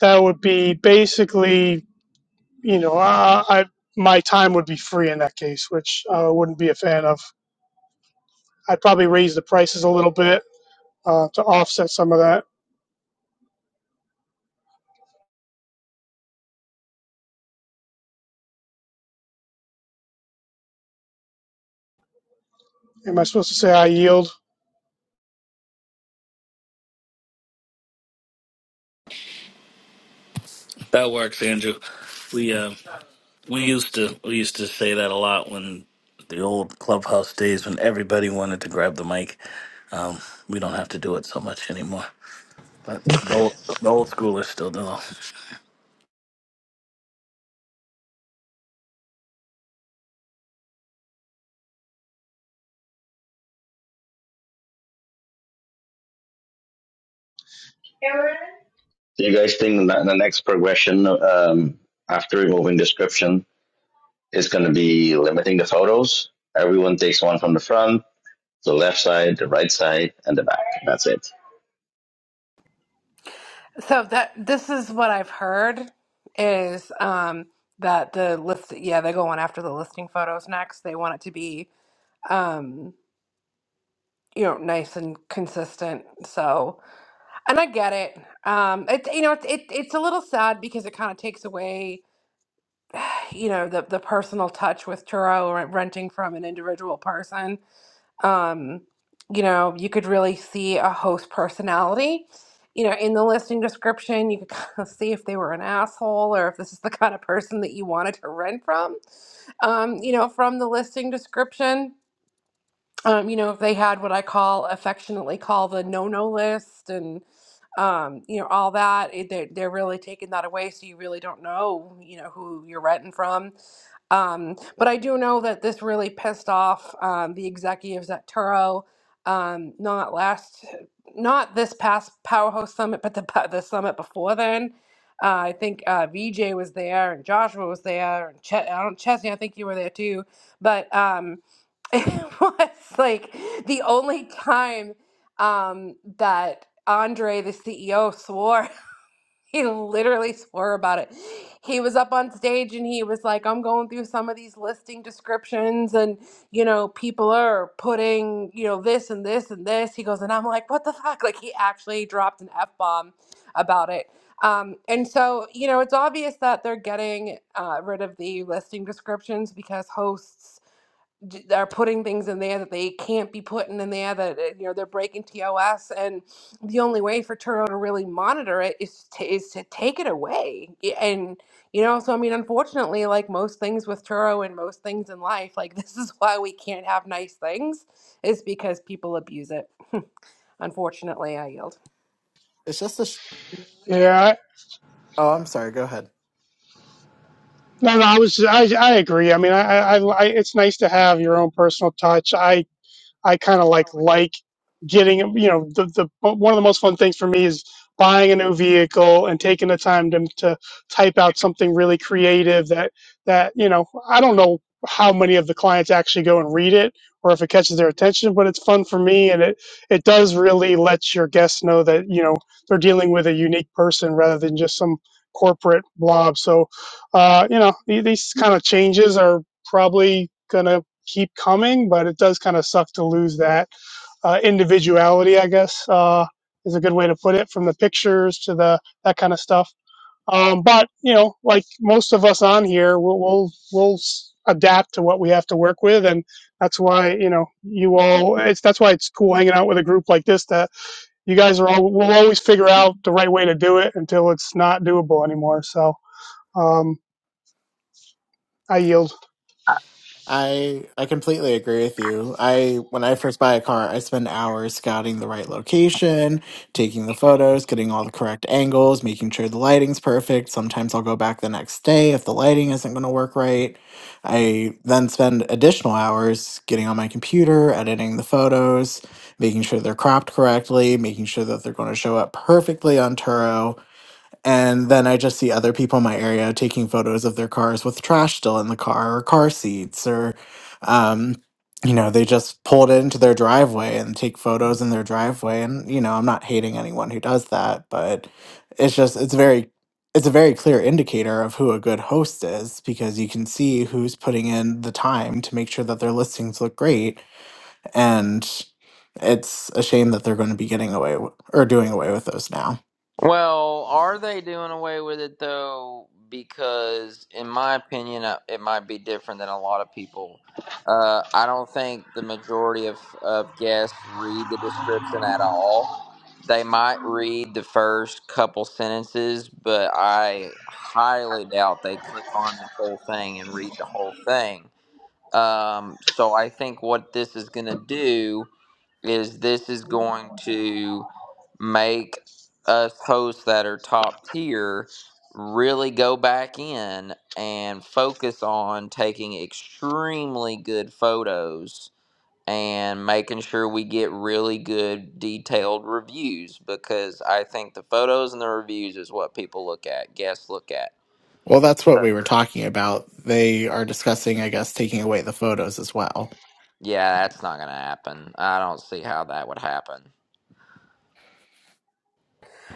Speaker 9: that would be basically you know uh, i my time would be free in that case which i uh, wouldn't be a fan of i'd probably raise the prices a little bit uh, to offset some of that am i supposed to say i yield
Speaker 1: That works, Andrew. We uh we used to we used to say that a lot when the old clubhouse days when everybody wanted to grab the mic. Um, we don't have to do it so much anymore. But the old, the old schoolers still do.
Speaker 7: Do you guys think that the next progression um, after removing description is going to be limiting the photos? Everyone takes one from the front, the left side, the right side, and the back. That's it.
Speaker 2: So that this is what I've heard is um that the list yeah, they're going after the listing photos next. They want it to be um you know nice and consistent. So and I get it. Um it you know it's it, it's a little sad because it kind of takes away you know the the personal touch with Turo or renting from an individual person um, you know, you could really see a host personality. You know, in the listing description, you could kind of see if they were an asshole or if this is the kind of person that you wanted to rent from. Um, you know, from the listing description, um, you know, if they had what I call affectionately call the no no list um, you know, all that. it- They're, they're really taking that away, so you really don't know, you know, who you're renting from. Um, but I do know that this really pissed off um, the executives at Turo. Um, not last, not this past Powerhouse Summit, but the pa- the summit before then. Uh, I think uh, VJ was there and Joshua was there and Ch- I don't Chesney. I think you were there too. But um, it was like the only time um, that Andre, the CEO, swore. He literally swore about it. He was up on stage and he was like, I'm going through some of these listing descriptions, and you know, people are putting, you know, this and this and this. He goes, and I'm like, what the fuck? Like, he actually dropped an F bomb about it. Um, and so, you know, it's obvious that they're getting uh, rid of the listing descriptions because hosts d- are putting things in there that they can't be putting in there that uh, you know they're breaking TOS and the only way for Turo to really monitor it is to, is to take it away Y- and you know so I mean unfortunately like most things with Turo and most things in life like this is why we can't have nice things is because people abuse it unfortunately I yield
Speaker 3: It's just a. Sh-
Speaker 9: yeah
Speaker 3: oh, I'm sorry. Go ahead.
Speaker 9: No, no, I was I I agree. I mean, I, I I it's nice to have your own personal touch. I I kind of like like getting you know the, the one of the most fun things for me is buying a new vehicle and taking the time to, to type out something really creative that that you know I don't know how many of the clients actually go and read it or if it catches their attention but it's fun for me and it it does really let your guests know that you know they're dealing with a unique person rather than just some corporate blob so uh, you know the- these kind of changes are probably gonna keep coming, but it does kind of suck to lose that uh, individuality, I guess, uh, is a good way to put it, from the pictures to the that kind of stuff. Um, but you know, like most of us on here, we'll, we'll we'll adapt to what we have to work with, and that's why you know you all. It's that's why it's cool hanging out with a group like this. That you guys are all. We'll always figure out the right way to do it until it's not doable anymore. So um, I yield.
Speaker 3: I I completely agree with you. I when I first buy a car, I spend hours scouting the right location, taking the photos, getting all the correct angles, making sure the lighting's perfect. Sometimes I'll go back the next day if the lighting isn't going to work right. I then spend additional hours getting on my computer, editing the photos, making sure they're cropped correctly, making sure that they're going to show up perfectly on Turo and then I just see other people in my area taking photos of their cars with trash still in the car or car seats or, um, you know, they just pulled into their driveway and take photos in their driveway. And, you know, I'm not hating anyone who does that, but it's just, it's very, it's a very clear indicator of who a good host is because you can see who's putting in the time to make sure that their listings look great. and. It's a shame that they're going to be getting away w- or doing away with those now.
Speaker 4: Well, are they doing away with it though? Because, in my opinion, uh, it might be different than a lot of people. Uh, I don't think the majority of, of guests read the description at all. They might read the first couple sentences, but I highly doubt they click on the whole thing and read the whole thing. Um, so I think what this is going to do is this is going to make us hosts that are top tier really go back in and focus on taking extremely good photos and making sure we get really good detailed reviews because I think the photos and the reviews is what people look at, guests look at.
Speaker 3: Well, that's what
Speaker 4: So,
Speaker 3: we were talking about. They are discussing, I guess, taking away the photos as well.
Speaker 4: Yeah, that's not going to happen. I don't see how that would happen.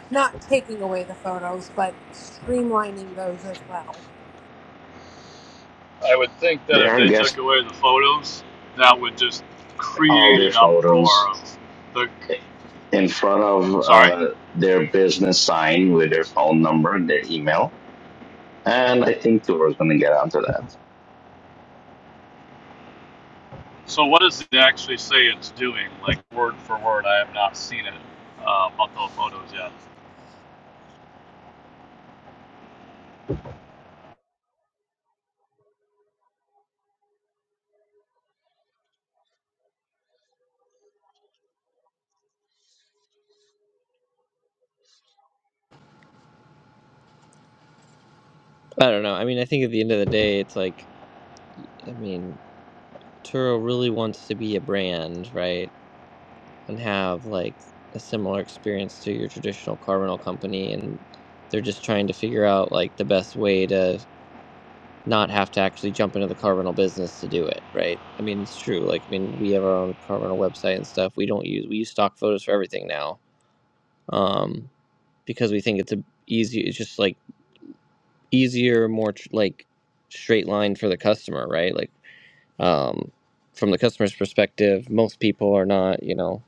Speaker 2: Not taking away the photos, but streamlining those as well.
Speaker 6: I would think that
Speaker 7: They
Speaker 6: if
Speaker 7: are
Speaker 6: they took
Speaker 7: guessing
Speaker 6: away the photos, that would just
Speaker 7: all
Speaker 6: create
Speaker 7: their
Speaker 6: an uproar
Speaker 7: photos
Speaker 6: of the.
Speaker 7: in front of
Speaker 6: Sorry.
Speaker 7: uh, their business sign with their phone number and their email. And I think Tour is going to get onto that.
Speaker 6: So what does it actually say it's doing? Like word for word, I have not seen it uh, about those photos yet.
Speaker 8: I don't know. I mean, I think at the end of the day, it's like, I mean, Turo really wants to be a brand, right? And have like a similar experience to your traditional car rental company. And they're just trying to figure out like the best way to not have to actually jump into the car rental business to do it, right? I mean, it's true. Like, I mean, we have our own car rental website and stuff. We don't use we use stock photos for everything now, um, because we think it's a easy. It's just like easier, more tr- like straight line for the customer, right? Like, um, from the customer's perspective, most people are not, you know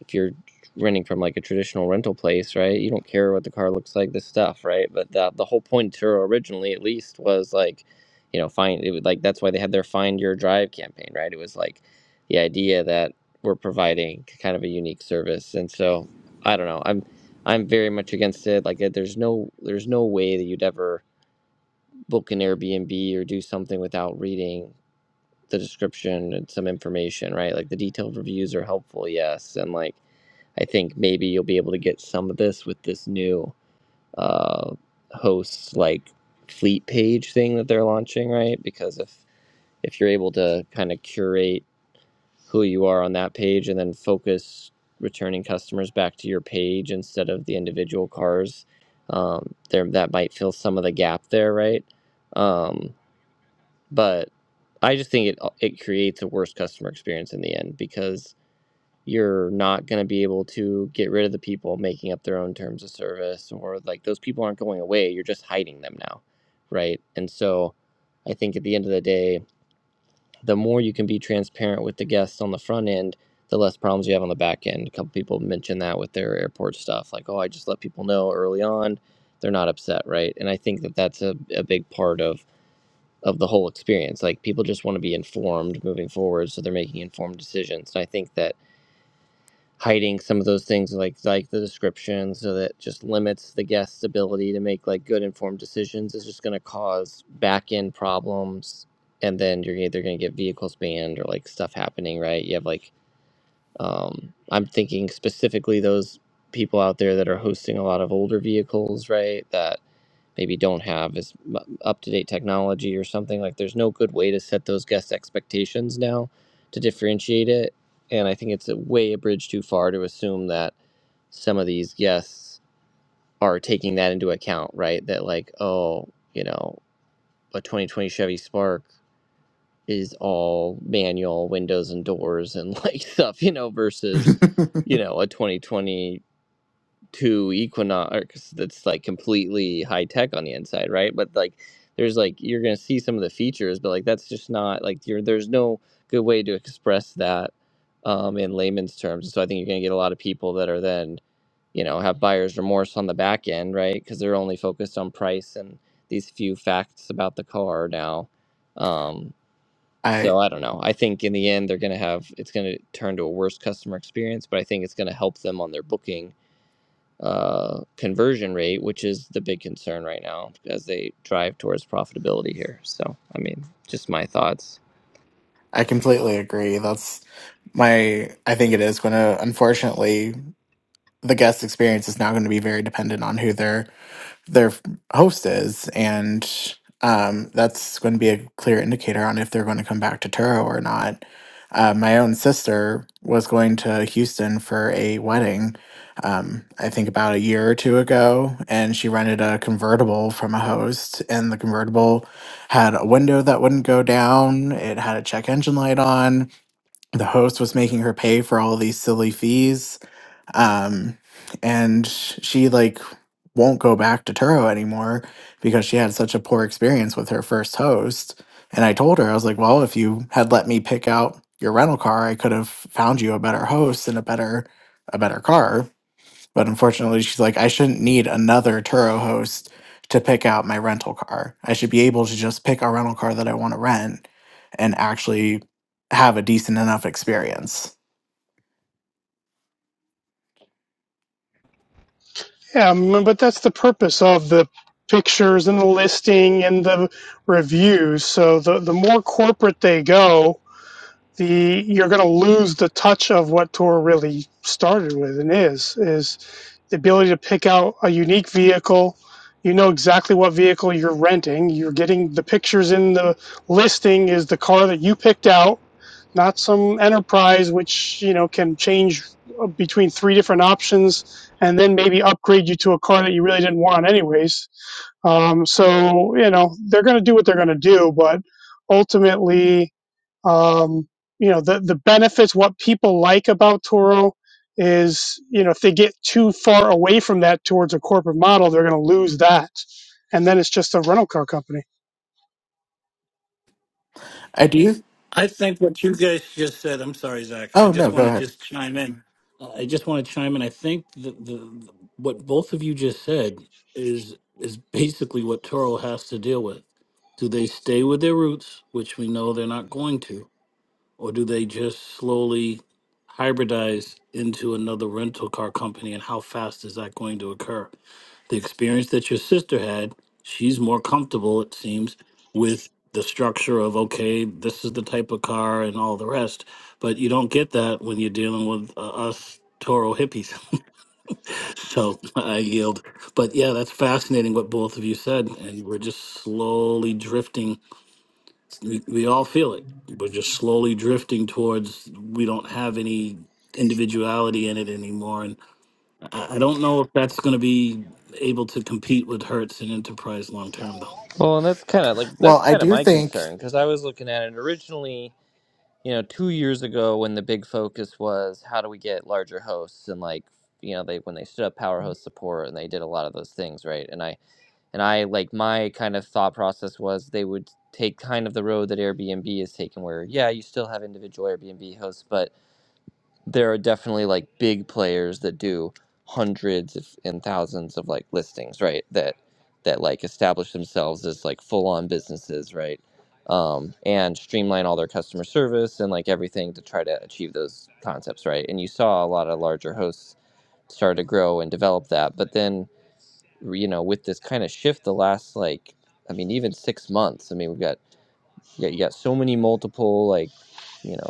Speaker 8: if you're renting from like a traditional rental place, right? You don't care what the car looks like, this stuff, right? But the the whole point to originally, at least, was like, you know, find it was like that's why they had their Find Your Drive campaign, right? It was like the idea that we're providing kind of a unique service, and so I don't know, I'm I'm very much against it. Like, it- there's no there's no way that you'd ever book an Airbnb or do something without reading the description and some information, right? Like the detailed reviews are helpful, yes, and like I think maybe you'll be able to get some of this with this new uh, hosts like fleet page thing that they're launching, right? Because if if you're able to kind of curate who you are on that page and then focus returning customers back to your page instead of the individual cars, um, there that might fill some of the gap there, right? Um, but I just think it it creates a worse customer experience in the end because you're not going to be able to get rid of the people making up their own terms of service or like those people aren't going away you're just hiding them now right and so i think at the end of the day the more you can be transparent with the guests on the front end the less problems you have on the back end a couple people mentioned that with their airport stuff like oh i just let people know early on they're not upset right and i think that that's a, a big part of of the whole experience like people just want to be informed moving forward so they're making informed decisions and i think that hiding some of those things like like the description so that just limits the guest's ability to make like good informed decisions is just going to cause back end problems and then you're either going to get vehicles banned or like stuff happening right you have like um i'm thinking specifically those people out there that are hosting a lot of older vehicles right That maybe don't have as up to date technology or something. Like there's no good way to set those guest expectations now to differentiate it. And I think it's a way a bridge too far to assume that some of these guests are taking that into account, right? That like, oh, you know, a 2020 Chevy Spark is all manual windows and doors and like stuff, you know, versus, you know, a 2020 to Equinox that's like completely high tech on the inside, right? But like there's like you're gonna see some of the features, but like that's just not like you're there's no good way to express that um, in layman's terms. So I think you're gonna get a lot of people that are then you know have buyer's remorse on the back end, right? Because they're only focused on price and these few facts about the car now. Um,
Speaker 3: I
Speaker 8: so I don't know. I think in the end they're gonna have it's gonna turn to a worse customer experience, but I think it's gonna help them on their booking uh, conversion rate, which is the big concern right now as they drive towards profitability here. So, I mean, just my thoughts.
Speaker 3: I completely agree. That's my I think it is going to unfortunately the guest experience is now going to be very dependent on who their their host is and um, that's going to be a clear indicator on if they're going to come back to Turo or not. Uh, my own sister was going to Houston for a wedding, um, I think about a year or two ago, and she rented a convertible from a host. And the convertible had a window that wouldn't go down, it had a check engine light on. The host was making her pay for all these silly fees um and she like won't go back to Turo anymore because she had such a poor experience with her first host and I told her I was like well if you had let me pick out your rental car I could have found you a better host and a better a better car but unfortunately she's like I shouldn't need another Turo host to pick out my rental car I should be able to just pick a rental car that I want to rent and actually have a decent enough experience Okay.
Speaker 9: Yeah, mm, but that's the purpose of the pictures and the listing and the reviews. So the, the more corporate they go, the you're going to lose the touch of what Tour really started with and is is the ability to pick out a unique vehicle. You know exactly what vehicle you're renting. You're getting the pictures in the listing is the car that you picked out not some enterprise which you know can change uh, between three different options and then maybe upgrade you to a car that you really didn't want anyways um, so you know they're going to do what they're going to do but ultimately um, you know the, the benefits what people like about toro is you know if they get too far away from that towards a corporate model they're going to lose that and then it's just a rental car company
Speaker 3: I do.
Speaker 1: I think what you guys just said. I'm sorry, Zach. I
Speaker 3: Oh no,
Speaker 1: just want
Speaker 3: go
Speaker 1: to
Speaker 3: ahead.
Speaker 1: just chime in. Uh, I just want to chime in. I think the, the what both of you just said is is basically what Toro has to deal with Do they stay with their roots, which we know they're not going to, or do they just slowly hybridize into another rental car company? And how fast is that going to occur? The experience that your sister had, she's more comfortable, it seems, with the structure of, okay, this is the type of car and all the rest. But you don't get that when you're dealing with uh, us Toro hippies. so I yield. But yeah, that's fascinating what both of you said. And we're just slowly drifting we, we all feel it. We're just slowly drifting towards we don't have any individuality in it anymore. And I, I don't know if that's going to be able to compete with Hertz and Enterprise long term, though.
Speaker 8: Well, and that's kind of like
Speaker 3: Well,
Speaker 8: that's
Speaker 3: I
Speaker 8: kind of
Speaker 3: do
Speaker 8: my
Speaker 3: think
Speaker 8: concern because I was looking at it originally, you know, two years ago when the big focus was how do we get larger hosts and like you know they when they stood up power host support and they did a lot of those things right and I and I like my kind of thought process was they would take kind of the road that Airbnb is taking where yeah you still have individual Airbnb hosts but there are definitely like big players that do hundreds if- and thousands of like listings right that that like establish themselves as like full on businesses right um, and streamline all their customer service and like everything to try to achieve those concepts right and you saw a lot of larger hosts start to grow and develop that but then you know with this kind of shift the last like i mean even six months i mean we've got yeah you got so many multiple like you know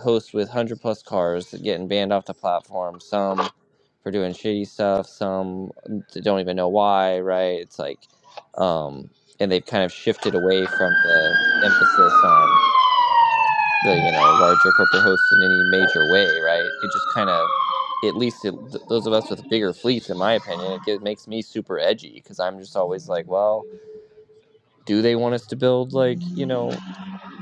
Speaker 8: hosts with 100 plus cars that getting banned off the platform, some for doing shitty stuff, some that don't even know why, right? It's like, um, and they've kind of shifted away from the emphasis on the, you know, larger corporate hosts in any major way, right? It just kind of, at least it, th- those of us with bigger fleets, in my opinion, it get, makes me super edgy because I'm just always like, well, do they want us to build like, you know,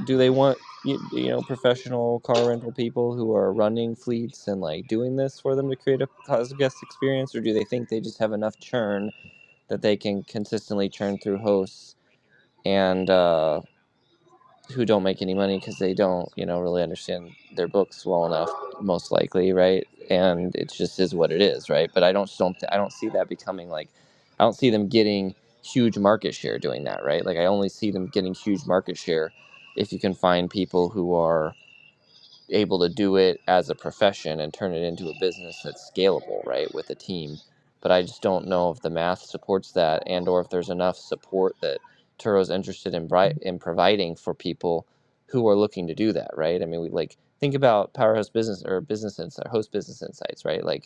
Speaker 8: do they want you, you know professional car rental people who are running fleets and like doing this for them to create a positive guest experience or do they think they just have enough churn that they can consistently churn through hosts and uh who don't make any money because they don't, you know, really understand their books well enough, most likely, right? And it just is what it is, right? But I don't don't I don't see that becoming like I don't see them getting huge market share doing that, right? Like I only see them getting huge market share if you can find people who are able to do it as a profession and turn it into a business that's scalable, right, with a team. But I just don't know if the math supports that, and or if there's enough support that Turo's interested in bri- in providing for people who are looking to do that, right? I mean, we like think about Powerhouse Business or Business Insight, Host Business Insights, right? Like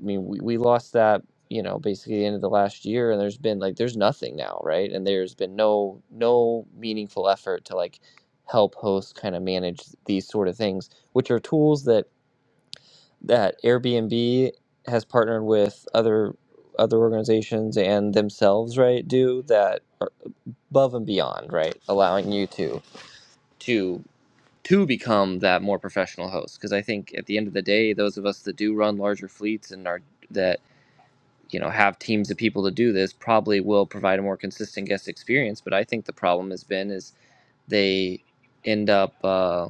Speaker 8: I mean, we, we lost that, you know, basically the end of the last year, and there's been like there's nothing now, right? And there's been no no meaningful effort to like help hosts kind of manage these sort of things, which are tools that that Airbnb has partnered with other other organizations and themselves, right? Do that are above and beyond, right? Allowing you to to to become that more professional host, because I think at the end of the day, those of us that do run larger fleets and are that you know have teams of people to do this probably will provide a more consistent guest experience but i think the problem has been is they end up uh,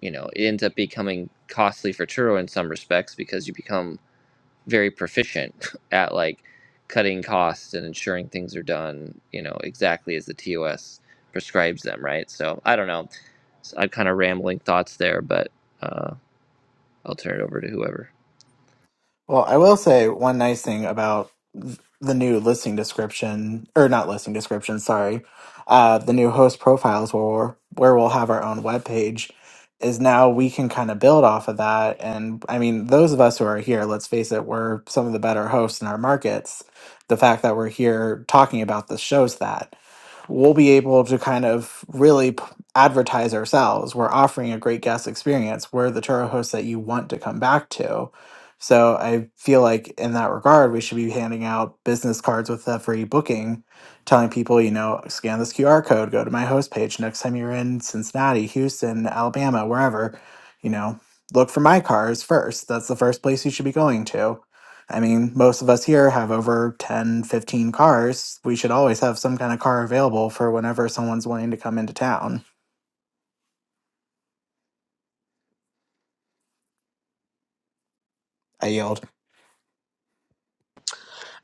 Speaker 8: you know it ends up becoming costly for churro in some respects because you become very proficient at like cutting costs and ensuring things are done you know exactly as the tos prescribes them right so i don't know so i'm kind of rambling thoughts there but uh, i'll turn it over to whoever
Speaker 3: Well, I will say one nice thing about th- the new listing description, or not listing description, sorry, uh, the new host profiles where we're, where we'll have our own webpage is now we can kind of build off of that. And I mean, those of us who are here, let's face it, we're some of the better hosts in our markets. The fact that we're here talking about this shows that we'll be able to kind of really p- advertise ourselves. We're offering a great guest experience. We're the Turo hosts that you want to come back to so I feel like in that regard, we should be handing out business cards with every booking, telling people, you know, scan this QR code, go to my host page next time you're in Cincinnati, Houston, Alabama, wherever, you know, look for my cars first. That's the first place you should be going to. I mean, most of us here have over 10, 15 cars. We should always have some kind of car available for whenever someone's wanting to come into town. I yield.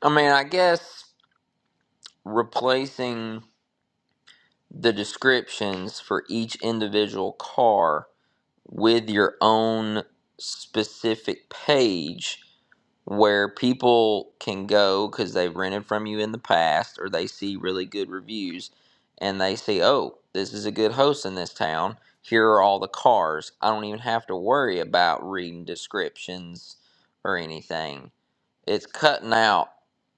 Speaker 4: I mean, I guess replacing the descriptions for each individual car with your own specific page where people can go because they've rented from you in the past or they see really good reviews and they see, oh, this is a good host in this town. Here are all the cars. I don't even have to worry about reading descriptions or anything it's cutting out.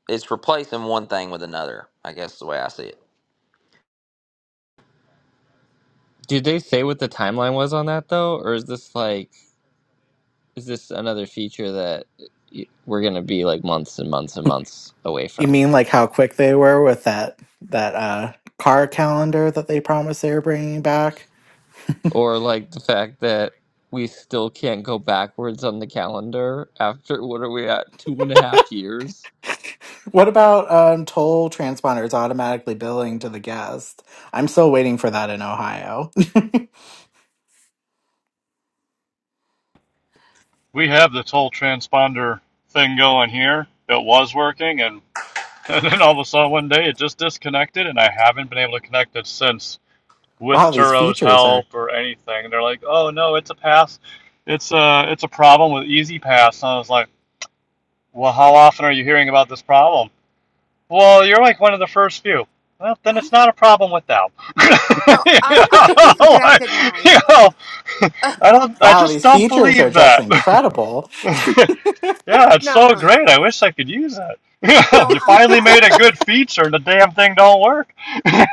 Speaker 4: It's replacing one thing with another. I guess is the way I see it.
Speaker 8: Did they say what the timeline was on that though, or is this like? Is this another feature that we're going to be like months and months and months away
Speaker 3: You
Speaker 8: from?
Speaker 3: mean like how quick they were with that that uh car calendar that they promised they were bringing back?
Speaker 8: Or like the fact that we still can't go backwards on the calendar after what are we at two and a half years?
Speaker 3: What about um toll transponders automatically billing to the guest? I'm still waiting for that in Ohio.
Speaker 6: We have this whole transponder thing going here. It was working, and, and then all of a sudden one day it just disconnected, and I haven't been able to connect it since with
Speaker 3: wow, these
Speaker 6: Turo's
Speaker 3: features are
Speaker 6: help or anything. They're like, "Oh no, it's a pass. It's a it's a problem with Easy Pass." And I was like. Well, how often are you hearing about this problem? Well, you're like one of the first few. Well, then it's not a problem with them.
Speaker 2: Oh,
Speaker 6: you
Speaker 2: I,
Speaker 6: know,
Speaker 2: I
Speaker 6: Like,
Speaker 2: disconnected
Speaker 6: you
Speaker 2: mine.
Speaker 6: know,
Speaker 2: Ugh,
Speaker 6: I don't. I
Speaker 3: wow,
Speaker 6: just
Speaker 3: these
Speaker 6: don't
Speaker 3: features are
Speaker 6: believe
Speaker 3: just
Speaker 6: that.
Speaker 3: incredible.
Speaker 6: yeah, it's
Speaker 2: no,
Speaker 6: so
Speaker 2: no, no.
Speaker 6: great. I wish I could use it. You know,
Speaker 2: No,
Speaker 6: you
Speaker 2: I,
Speaker 6: finally made a good feature, and the damn thing don't work. You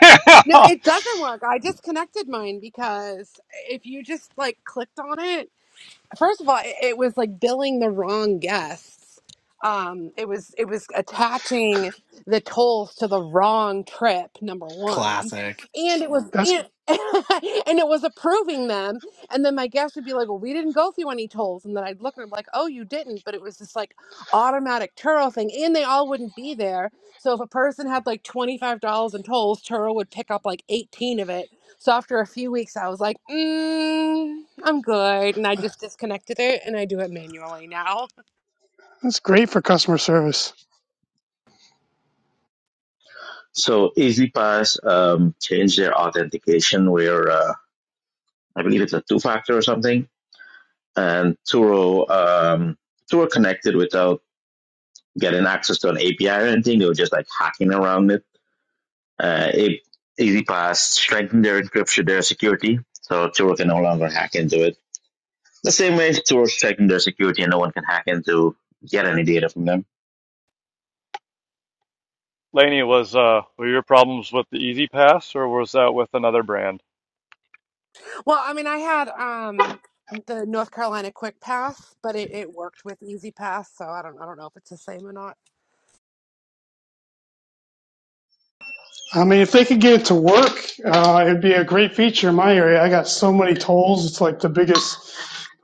Speaker 2: no,
Speaker 6: know?
Speaker 2: it doesn't work. I disconnected mine because if you just like clicked on it, first of all, it, it was like billing the wrong guests. Um, it was it was attaching the tolls to the wrong trip. Number one,
Speaker 3: Classic.
Speaker 2: and it was
Speaker 9: that's
Speaker 2: and, and it was approving them. And then my guest would be like, "Well, we didn't go through any tolls," and then I'd look at them like, "Oh, you didn't," but it was this like automatic Turo thing, and they all wouldn't be there. So if a person had like twenty five dollars in tolls, Turo would pick up like eighteen of it so after a few weeks, I was like, mm, I'm good. And I just disconnected it and I do it manually now.
Speaker 9: that's great for customer service
Speaker 7: So EasyPass um, changed their authentication where uh, I believe it's a two factor or something, and Turo um, Turo connected without getting access to an API or anything. They were just like hacking around it. Uh, it EasyPass strengthened their encryption, their security, so Turo can no longer hack into it. The same way Turo strengthened their security, and no one can hack into get any data from them.
Speaker 6: Laney, was uh, were your problems with the Easy Pass, or was that with another brand?
Speaker 2: Well, I mean, I had um, the North Carolina Quick Pass, but it, it worked with Easy Pass. So I don't, I don't know if it's the same or not.
Speaker 9: I mean, if they could get it to work, uh, it'd be a great feature in my area. I got so many tolls. It's like the biggest,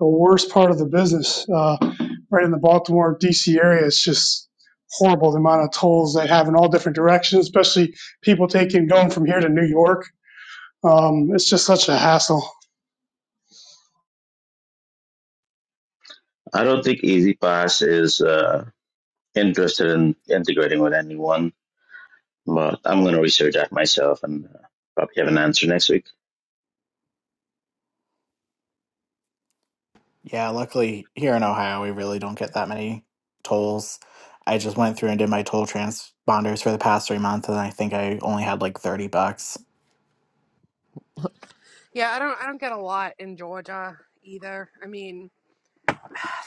Speaker 9: the worst part of the business. Uh, right in the Baltimore, D.C. area, it's just horrible the amount of tolls they have in all different directions, especially people taking going from here to New York. Um, it's just such a hassle.
Speaker 7: I don't think EasyPass is uh, interested in integrating with anyone but I'm gonna research that myself and uh, probably have an answer next week.
Speaker 3: Yeah, luckily here in Ohio we really don't get that many tolls. I just went through and did my toll transponders for the past 3 months and I think I only had like 30 bucks.
Speaker 2: Yeah, I don't, I don't get a lot in Georgia either. I mean,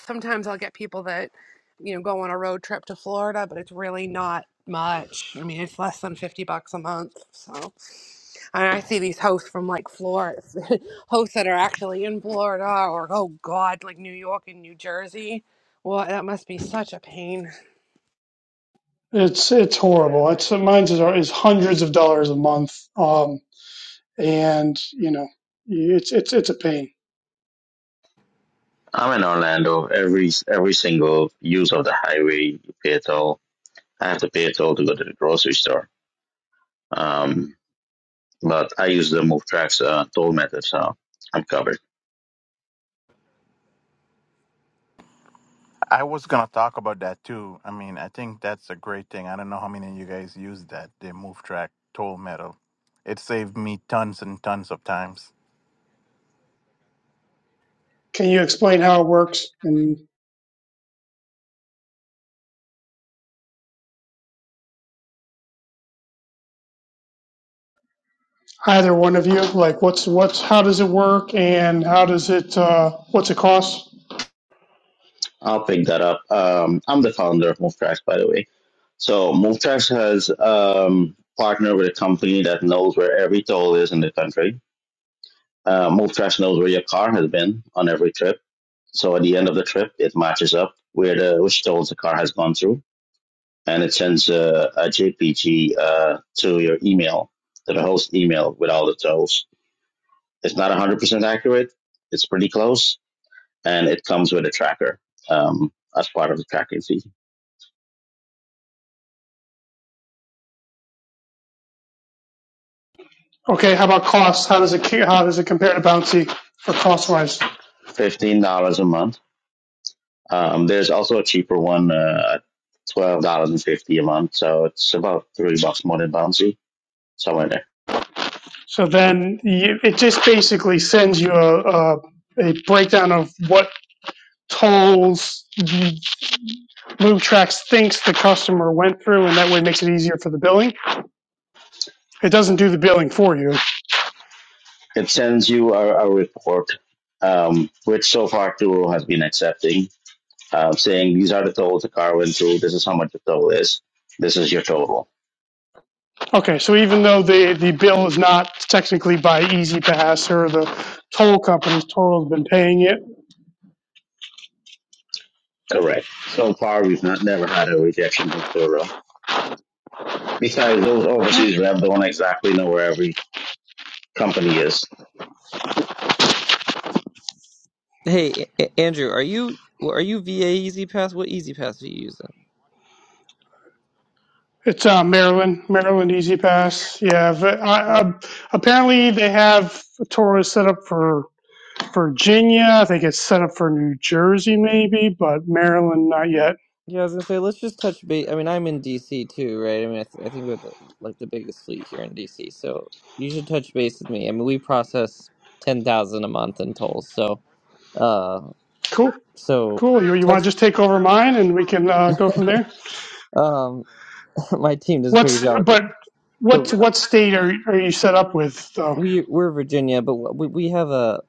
Speaker 2: Sometimes I'll get people that, you know, go on a road trip to Florida, but it's really not much. I mean, it's less than 50 bucks a month. So, and I see these hosts from like Florida, hosts that are actually in Florida or, oh God, like New York and New Jersey. Well, that must be such a pain.
Speaker 9: It's it's horrible. It's mine's is, is hundreds of dollars a month, um, and you know, it's it's it's a pain.
Speaker 7: I'm in Orlando. Every every single use of the highway, you pay a toll. I have to pay a toll to go to the grocery store. Um, but I use the MoveTrax uh, toll method, so I'm covered.
Speaker 10: I was gonna talk about that too. I mean, I think that's a great thing. I don't know how many of you guys use that, the move track toll metal. It saved me tons and tons of times.
Speaker 9: Can you explain how it works? and? either one of you? Like, what's what's how does it work, and how does it uh, what's it cost?
Speaker 7: I'll pick that up. Um, I'm the founder of MoveTrax, by the way. So MoveTrax has um, partnered with a company that knows where every toll is in the country Uh, Movtrash knows where your car has been on every trip. So at the end of the trip, it matches up where the which tolls the car has gone through, and it sends a, a JPG uh, to your email, to the host email with all the tolls. It's not 100% accurate. It's pretty close, and it comes with a tracker um, as part of the tracking fee.
Speaker 9: Okay, how about costs? How does it how does it compare to Bouncy for cost wise?
Speaker 7: Fifteen dollars a month. Um, there's also a cheaper one, uh, twelve dollars and fifty a month. So it's about three bucks more than Bouncy, somewhere there.
Speaker 9: So then you, it just basically sends you a, a a breakdown of what tolls MoveTrax thinks the customer went through, and that way makes it easier for the billing. It doesn't do the billing for you.
Speaker 7: it sends you a, a report, um, which so far Turo has been accepting, uh, saying these are the tolls the car went through. This is how much the toll is. This is your total.
Speaker 9: Okay, so even though the the bill is not technically by EasyPass or the toll companies, toll has been paying it
Speaker 7: Correct. So far, we've not never had a rejection from Turo. Besides those overseas rev don't exactly know where every company is.
Speaker 8: Hey, A- Andrew, are you are you VA Easy Pass? What Easy Pass are you using?
Speaker 9: It's uh, Maryland, Maryland Easy Pass. Yeah, v- I,
Speaker 8: Yeah,
Speaker 9: I, apparently they have a tour set up for Virginia. I think it's set up for New Jersey, maybe, but Maryland not yet.
Speaker 8: yeah. I was gonna say let's just touch base. I mean, I'm in DC too, right? I mean, I, th- I think we're the, like the biggest fleet here in DC, so you should touch base with me. I mean, we process ten thousand a month in tolls, so. uh,
Speaker 9: Cool,
Speaker 8: So,
Speaker 9: cool. You you
Speaker 8: touch-
Speaker 9: want to just take over mine and we can uh, go from there.
Speaker 8: um, my team does a pretty good
Speaker 9: What's
Speaker 8: job with it.
Speaker 9: but
Speaker 8: But
Speaker 9: what's what state are are you set up with though?
Speaker 8: we we're Virginia, but we we have a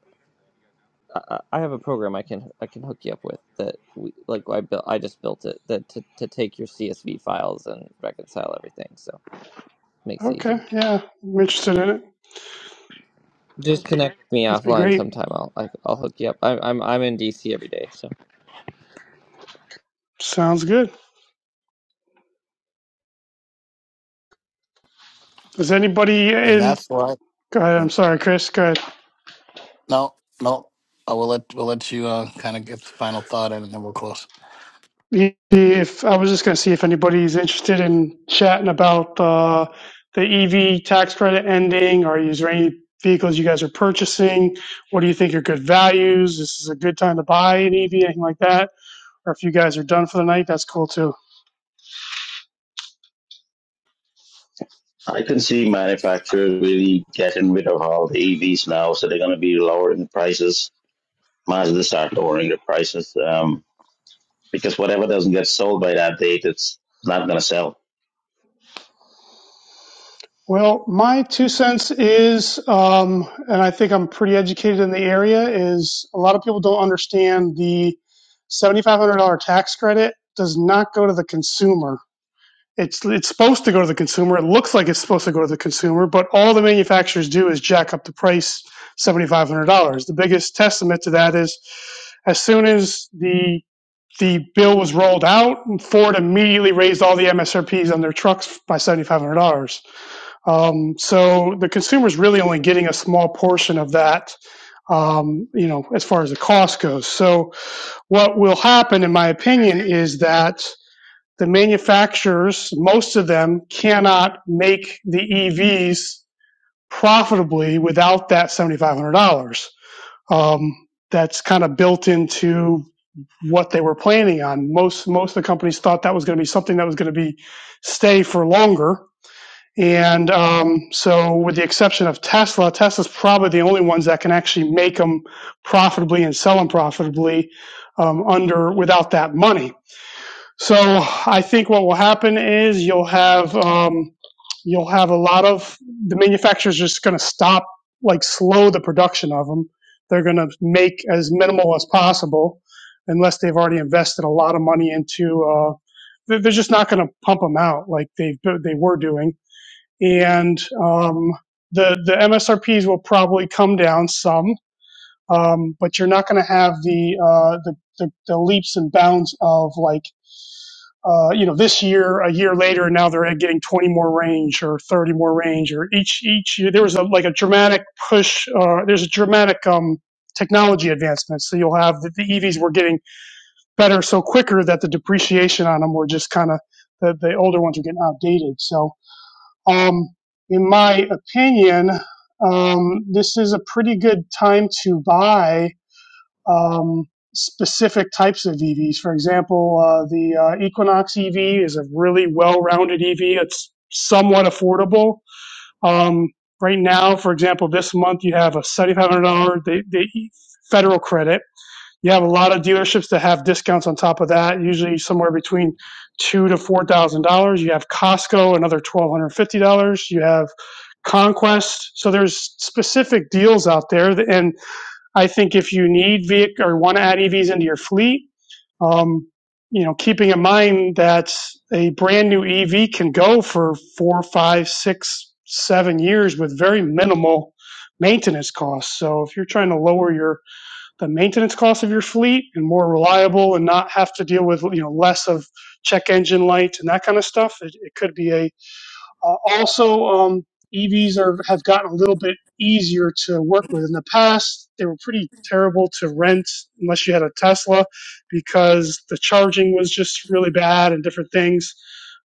Speaker 8: I I have a program I can I can hook you up with that we like I built I just built it that to, to take your CSV files and reconcile everything. So makes it
Speaker 9: Okay,
Speaker 8: easy.
Speaker 9: yeah, I'm interested in it.
Speaker 8: Just connect me
Speaker 9: That'd be
Speaker 8: offline
Speaker 9: great.
Speaker 8: sometime. I'll I, I'll hook you up. I'm I'm I'm in DC every day. So.
Speaker 9: Sounds good. Does anybody
Speaker 1: And
Speaker 9: in?
Speaker 1: that's why.
Speaker 9: Go ahead. I'm sorry, Chris. Go ahead.
Speaker 1: No, no. I will let we'll let you uh, kind of get the final thought in, and then we'll close.
Speaker 9: Yeah, If I was just going to see if anybody's interested in chatting about uh, the EV tax credit ending, or is there any vehicles you guys are purchasing? What do you think are good values? This is a good time to buy an EV, anything like that. Or if you guys are done for the night, that's cool too.
Speaker 7: I can see manufacturers really getting rid of all the EVs now, so they're going to be lowering the prices. Mazda start lowering the prices um, because whatever doesn't get sold by that date, it's not going to sell
Speaker 9: Well, my two cents is, um, and I think I'm pretty educated in the area, is a lot of people don't understand the $7,500 tax credit does not go to the consumer It's it's supposed to go to the consumer. It looks like it's supposed to go to the consumer, but all the manufacturers do is jack up the price seventy five hundred dollars. The biggest testament to that is as soon as the the bill was rolled out, Ford immediately raised all the MSRPs on their trucks by seventy five hundred dollars. Um, so the consumer's really only getting a small portion of that, um, you know, as far as the cost goes. So what will happen, in my opinion, is that the manufacturers, most of them cannot make the EVs profitably without that $7,500. Um, that's kind of built into what they were planning on. Most, most of the companies thought that was going to be something that was going to be stay for longer. And um, so, with the exception of Tesla, Tesla's probably the only ones that can actually make them profitably and sell them profitably um, under without that money. So I think what will happen is you'll have um, you'll have a lot of the manufacturers just going to stop like slow the production of them. They're going to make as minimal as possible, unless they've already invested a lot of money into. Uh, they're just not going to pump them out like they they were doing, and um, the the MSRPs will probably come down some, um, but you're not going to have the, uh, the the the leaps and bounds of like uh, you know, this year, a year later, now they're getting 20 more range or 30 more range, or each each year there was a like a dramatic push. Uh, there's a dramatic um, technology advancement, so you'll have the, the EVs were getting better so quicker that the depreciation on them were just kind of the, the older ones are getting outdated. So, um, in my opinion, um, this is a pretty good time to buy um, specific types of EVs. For example, uh, the uh, Equinox EV is a really well-rounded EV. It's somewhat affordable. Um, right now, for example, this month you have a $7,500 the, the E, federal credit. You have a lot of dealerships that have discounts on top of that, usually somewhere between two to four thousand dollars. You have Costco, another twelve hundred fifty dollars. You have Conquest. So there's specific deals out there, and I think if you need vehicle or want to add EVs into your fleet, um, you know, keeping in mind that a brand new EV can go for four, five, six, seven years with very minimal maintenance costs. So if you're trying to lower your the maintenance cost of your fleet and more reliable and not have to deal with you know less of check engine lights and that kind of stuff, it, it could be a uh, also, um, EVs are have gotten a little bit easier to work with. In the past, they were pretty terrible to rent unless you had a Tesla, because the charging was just really bad and different things.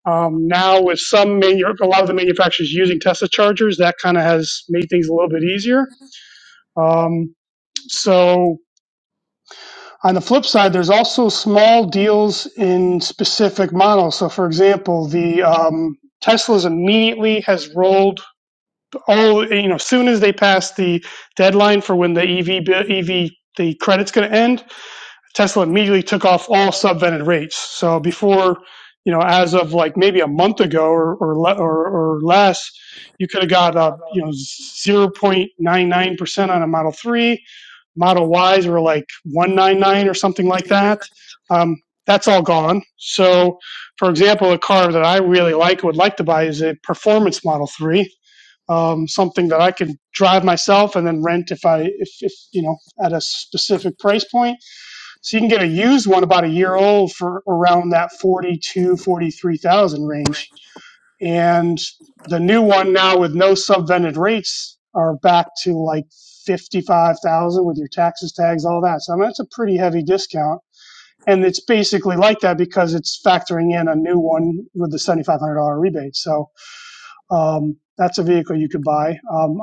Speaker 9: Um, now, with some manu- a lot of the manufacturers using Tesla chargers, that kind of has made things a little bit easier. Um, so, on the flip side, there's also small deals in specific models. So, for example, the um, Tesla's immediately has rolled all you know soon as they pass the deadline for when the ev ev the credit's going to end tesla immediately took off all subvented rates so before you know as of like maybe a month ago or or, or, or less you could have got uh, you know 0.99% on a model 3 model y's were like 199 or something like that um, that's all gone so for example a car that i really like would like to buy is a performance model 3 um, something that I can drive myself and then rent if I if, if you know at a specific price point. So you can get a used one about a year old for around that 42, 43,000 range. And the new one now with no subvented rates are back to like 55,000 with your taxes tags all that. So I mean, that's a pretty heavy discount. And it's basically like that because it's factoring in a new one with the $7,500 rebate. So um, that's a vehicle you could buy. Um,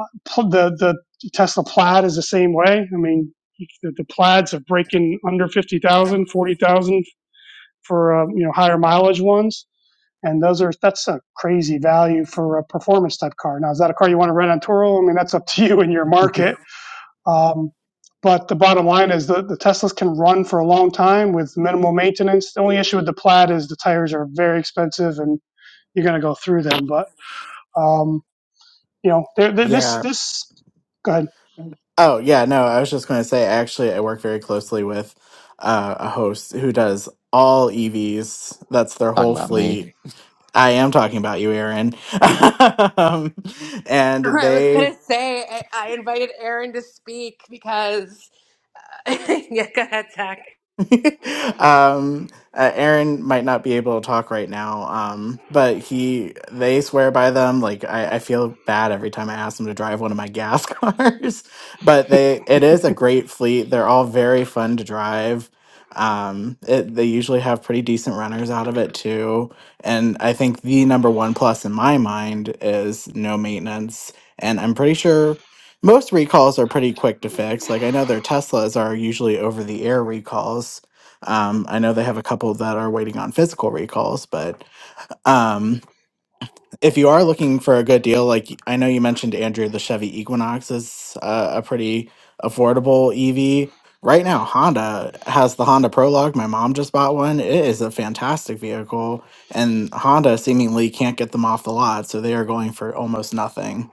Speaker 9: the the Tesla Plaid is the same way. I mean, the, the Plaids are breaking under 50,000, 40,000 for um, you know higher mileage ones, and those are that's a crazy value for a performance type car. Now, is that a car you want to rent on Toro? I mean, that's up to you and your market. Um, but the bottom line is the, the Teslas can run for a long time with minimal maintenance. The only issue with the Plaid is the tires are very expensive and you're going to go through them. But um, you know, there, there this
Speaker 3: yeah,
Speaker 9: this go ahead.
Speaker 3: Oh yeah, no, I was just going to say actually I work very closely with uh, a host who does all EVs. That's their
Speaker 11: talking
Speaker 3: whole
Speaker 11: about me.
Speaker 3: fleet. I am talking about you, Aaron. um, and
Speaker 2: I was
Speaker 3: they
Speaker 2: going to say, I, I invited Aaron to speak because, yeah, go ahead, Zach.
Speaker 3: um, uh, Aaron might not be able to talk right now, um, but he they swear by them. Like I, I feel bad every time I ask them to drive one of my gas cars, but they it is a great fleet. They're all very fun to drive. Um, it, they usually have pretty decent runners out of it too, and I think the number one plus in my mind is no maintenance. And I'm pretty sure most recalls are pretty quick to fix. Like I know their Teslas are usually over the air recalls. Um, I know they have a couple that are waiting on physical recalls, but um, if you are looking for a good deal, like I know you mentioned, Andrew, the Chevy Equinox is uh, a pretty affordable EV. Right now, Honda has the Honda Prologue. My mom just bought one. It is a fantastic vehicle, and Honda seemingly can't get them off the lot, so they are going for almost nothing.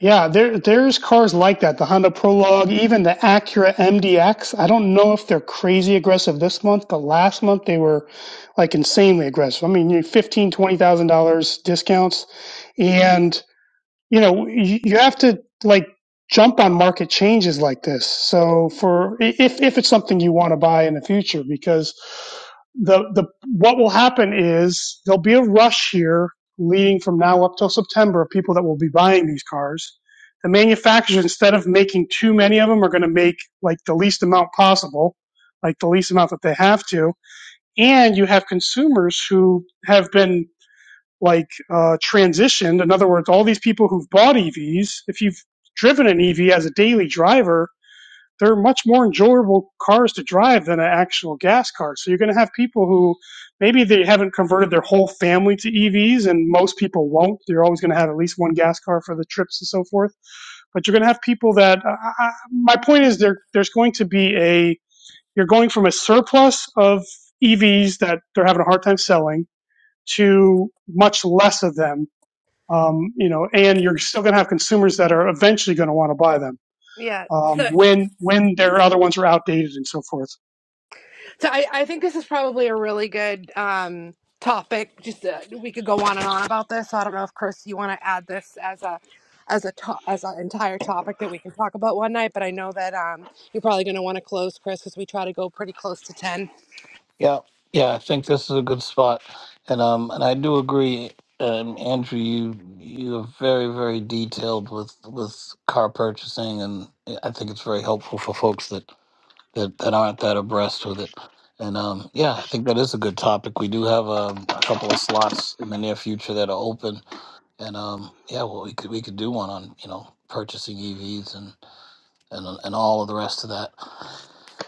Speaker 9: Yeah, there there's cars like that. The Honda Prologue, even the Acura MDX. I don't know if they're crazy aggressive this month, but last month they were like insanely aggressive. I mean, you fifteen, twenty thousand dollars discounts, and. you know you, you have to like jump on market changes like this so for if if it's something you want to buy in the future because the the what will happen is there'll be a rush here leading from now up till September of people that will be buying these cars the manufacturers instead of making too many of them are going to make like the least amount possible like the least amount that they have to and you have consumers who have been like uh, transitioned. In other words, all these people who've bought EVs, if you've driven an EV as a daily driver, they're much more enjoyable cars to drive than an actual gas car. So you're going to have people who maybe they haven't converted their whole family to EVs, and most people won't. They're always going to have at least one gas car for the trips and so forth. But you're going to have people that uh, I- my point is there. There's going to be a you're going from a surplus of EVs that they're having a hard time selling to much less of them um, you know, and you're still going to have consumers that are eventually going to want to buy them
Speaker 2: Yeah. so
Speaker 9: um, when when their other ones are outdated and so forth.
Speaker 2: So I, I think this is probably a really good um, topic. Just uh, we could go on and on about this. So I don't know if Chris, you want to add this as a as a to- as an entire topic that we can talk about one night. But I know that um, you're probably going to want to close, Chris, because we try to go pretty close to ten.
Speaker 1: Yeah, yeah, I think this is a good spot, and um, and I do agree, um, Andrew. You you are very very detailed with with car purchasing, and I think it's very helpful for folks that that, that aren't that abreast with it. And um, yeah, I think that is a good topic. We do have um a couple of slots in the near future that are open, and um, yeah, well, we could we could do one on you know purchasing EVs and and and all of the rest of that.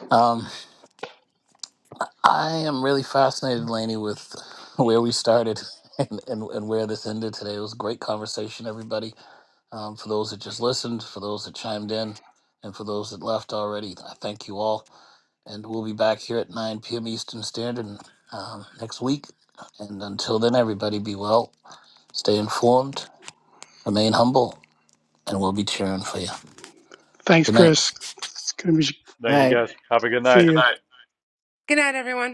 Speaker 1: Um, I am really fascinated, Laney, with where we started and and where this ended today. It was a great conversation, everybody. Um, for those that just listened, for those that chimed in, and for those that left already, I thank you all. And we'll be back here at 9 p.m. Eastern Standard um, next week. And until then, everybody be well, stay informed, remain humble, and we'll be cheering for you.
Speaker 9: Thanks,
Speaker 1: Good night.
Speaker 9: Chris. Good to
Speaker 6: Thank you
Speaker 3: Right.
Speaker 6: guys. Have a good
Speaker 9: See
Speaker 6: night.
Speaker 9: you.
Speaker 2: Good night, everyone.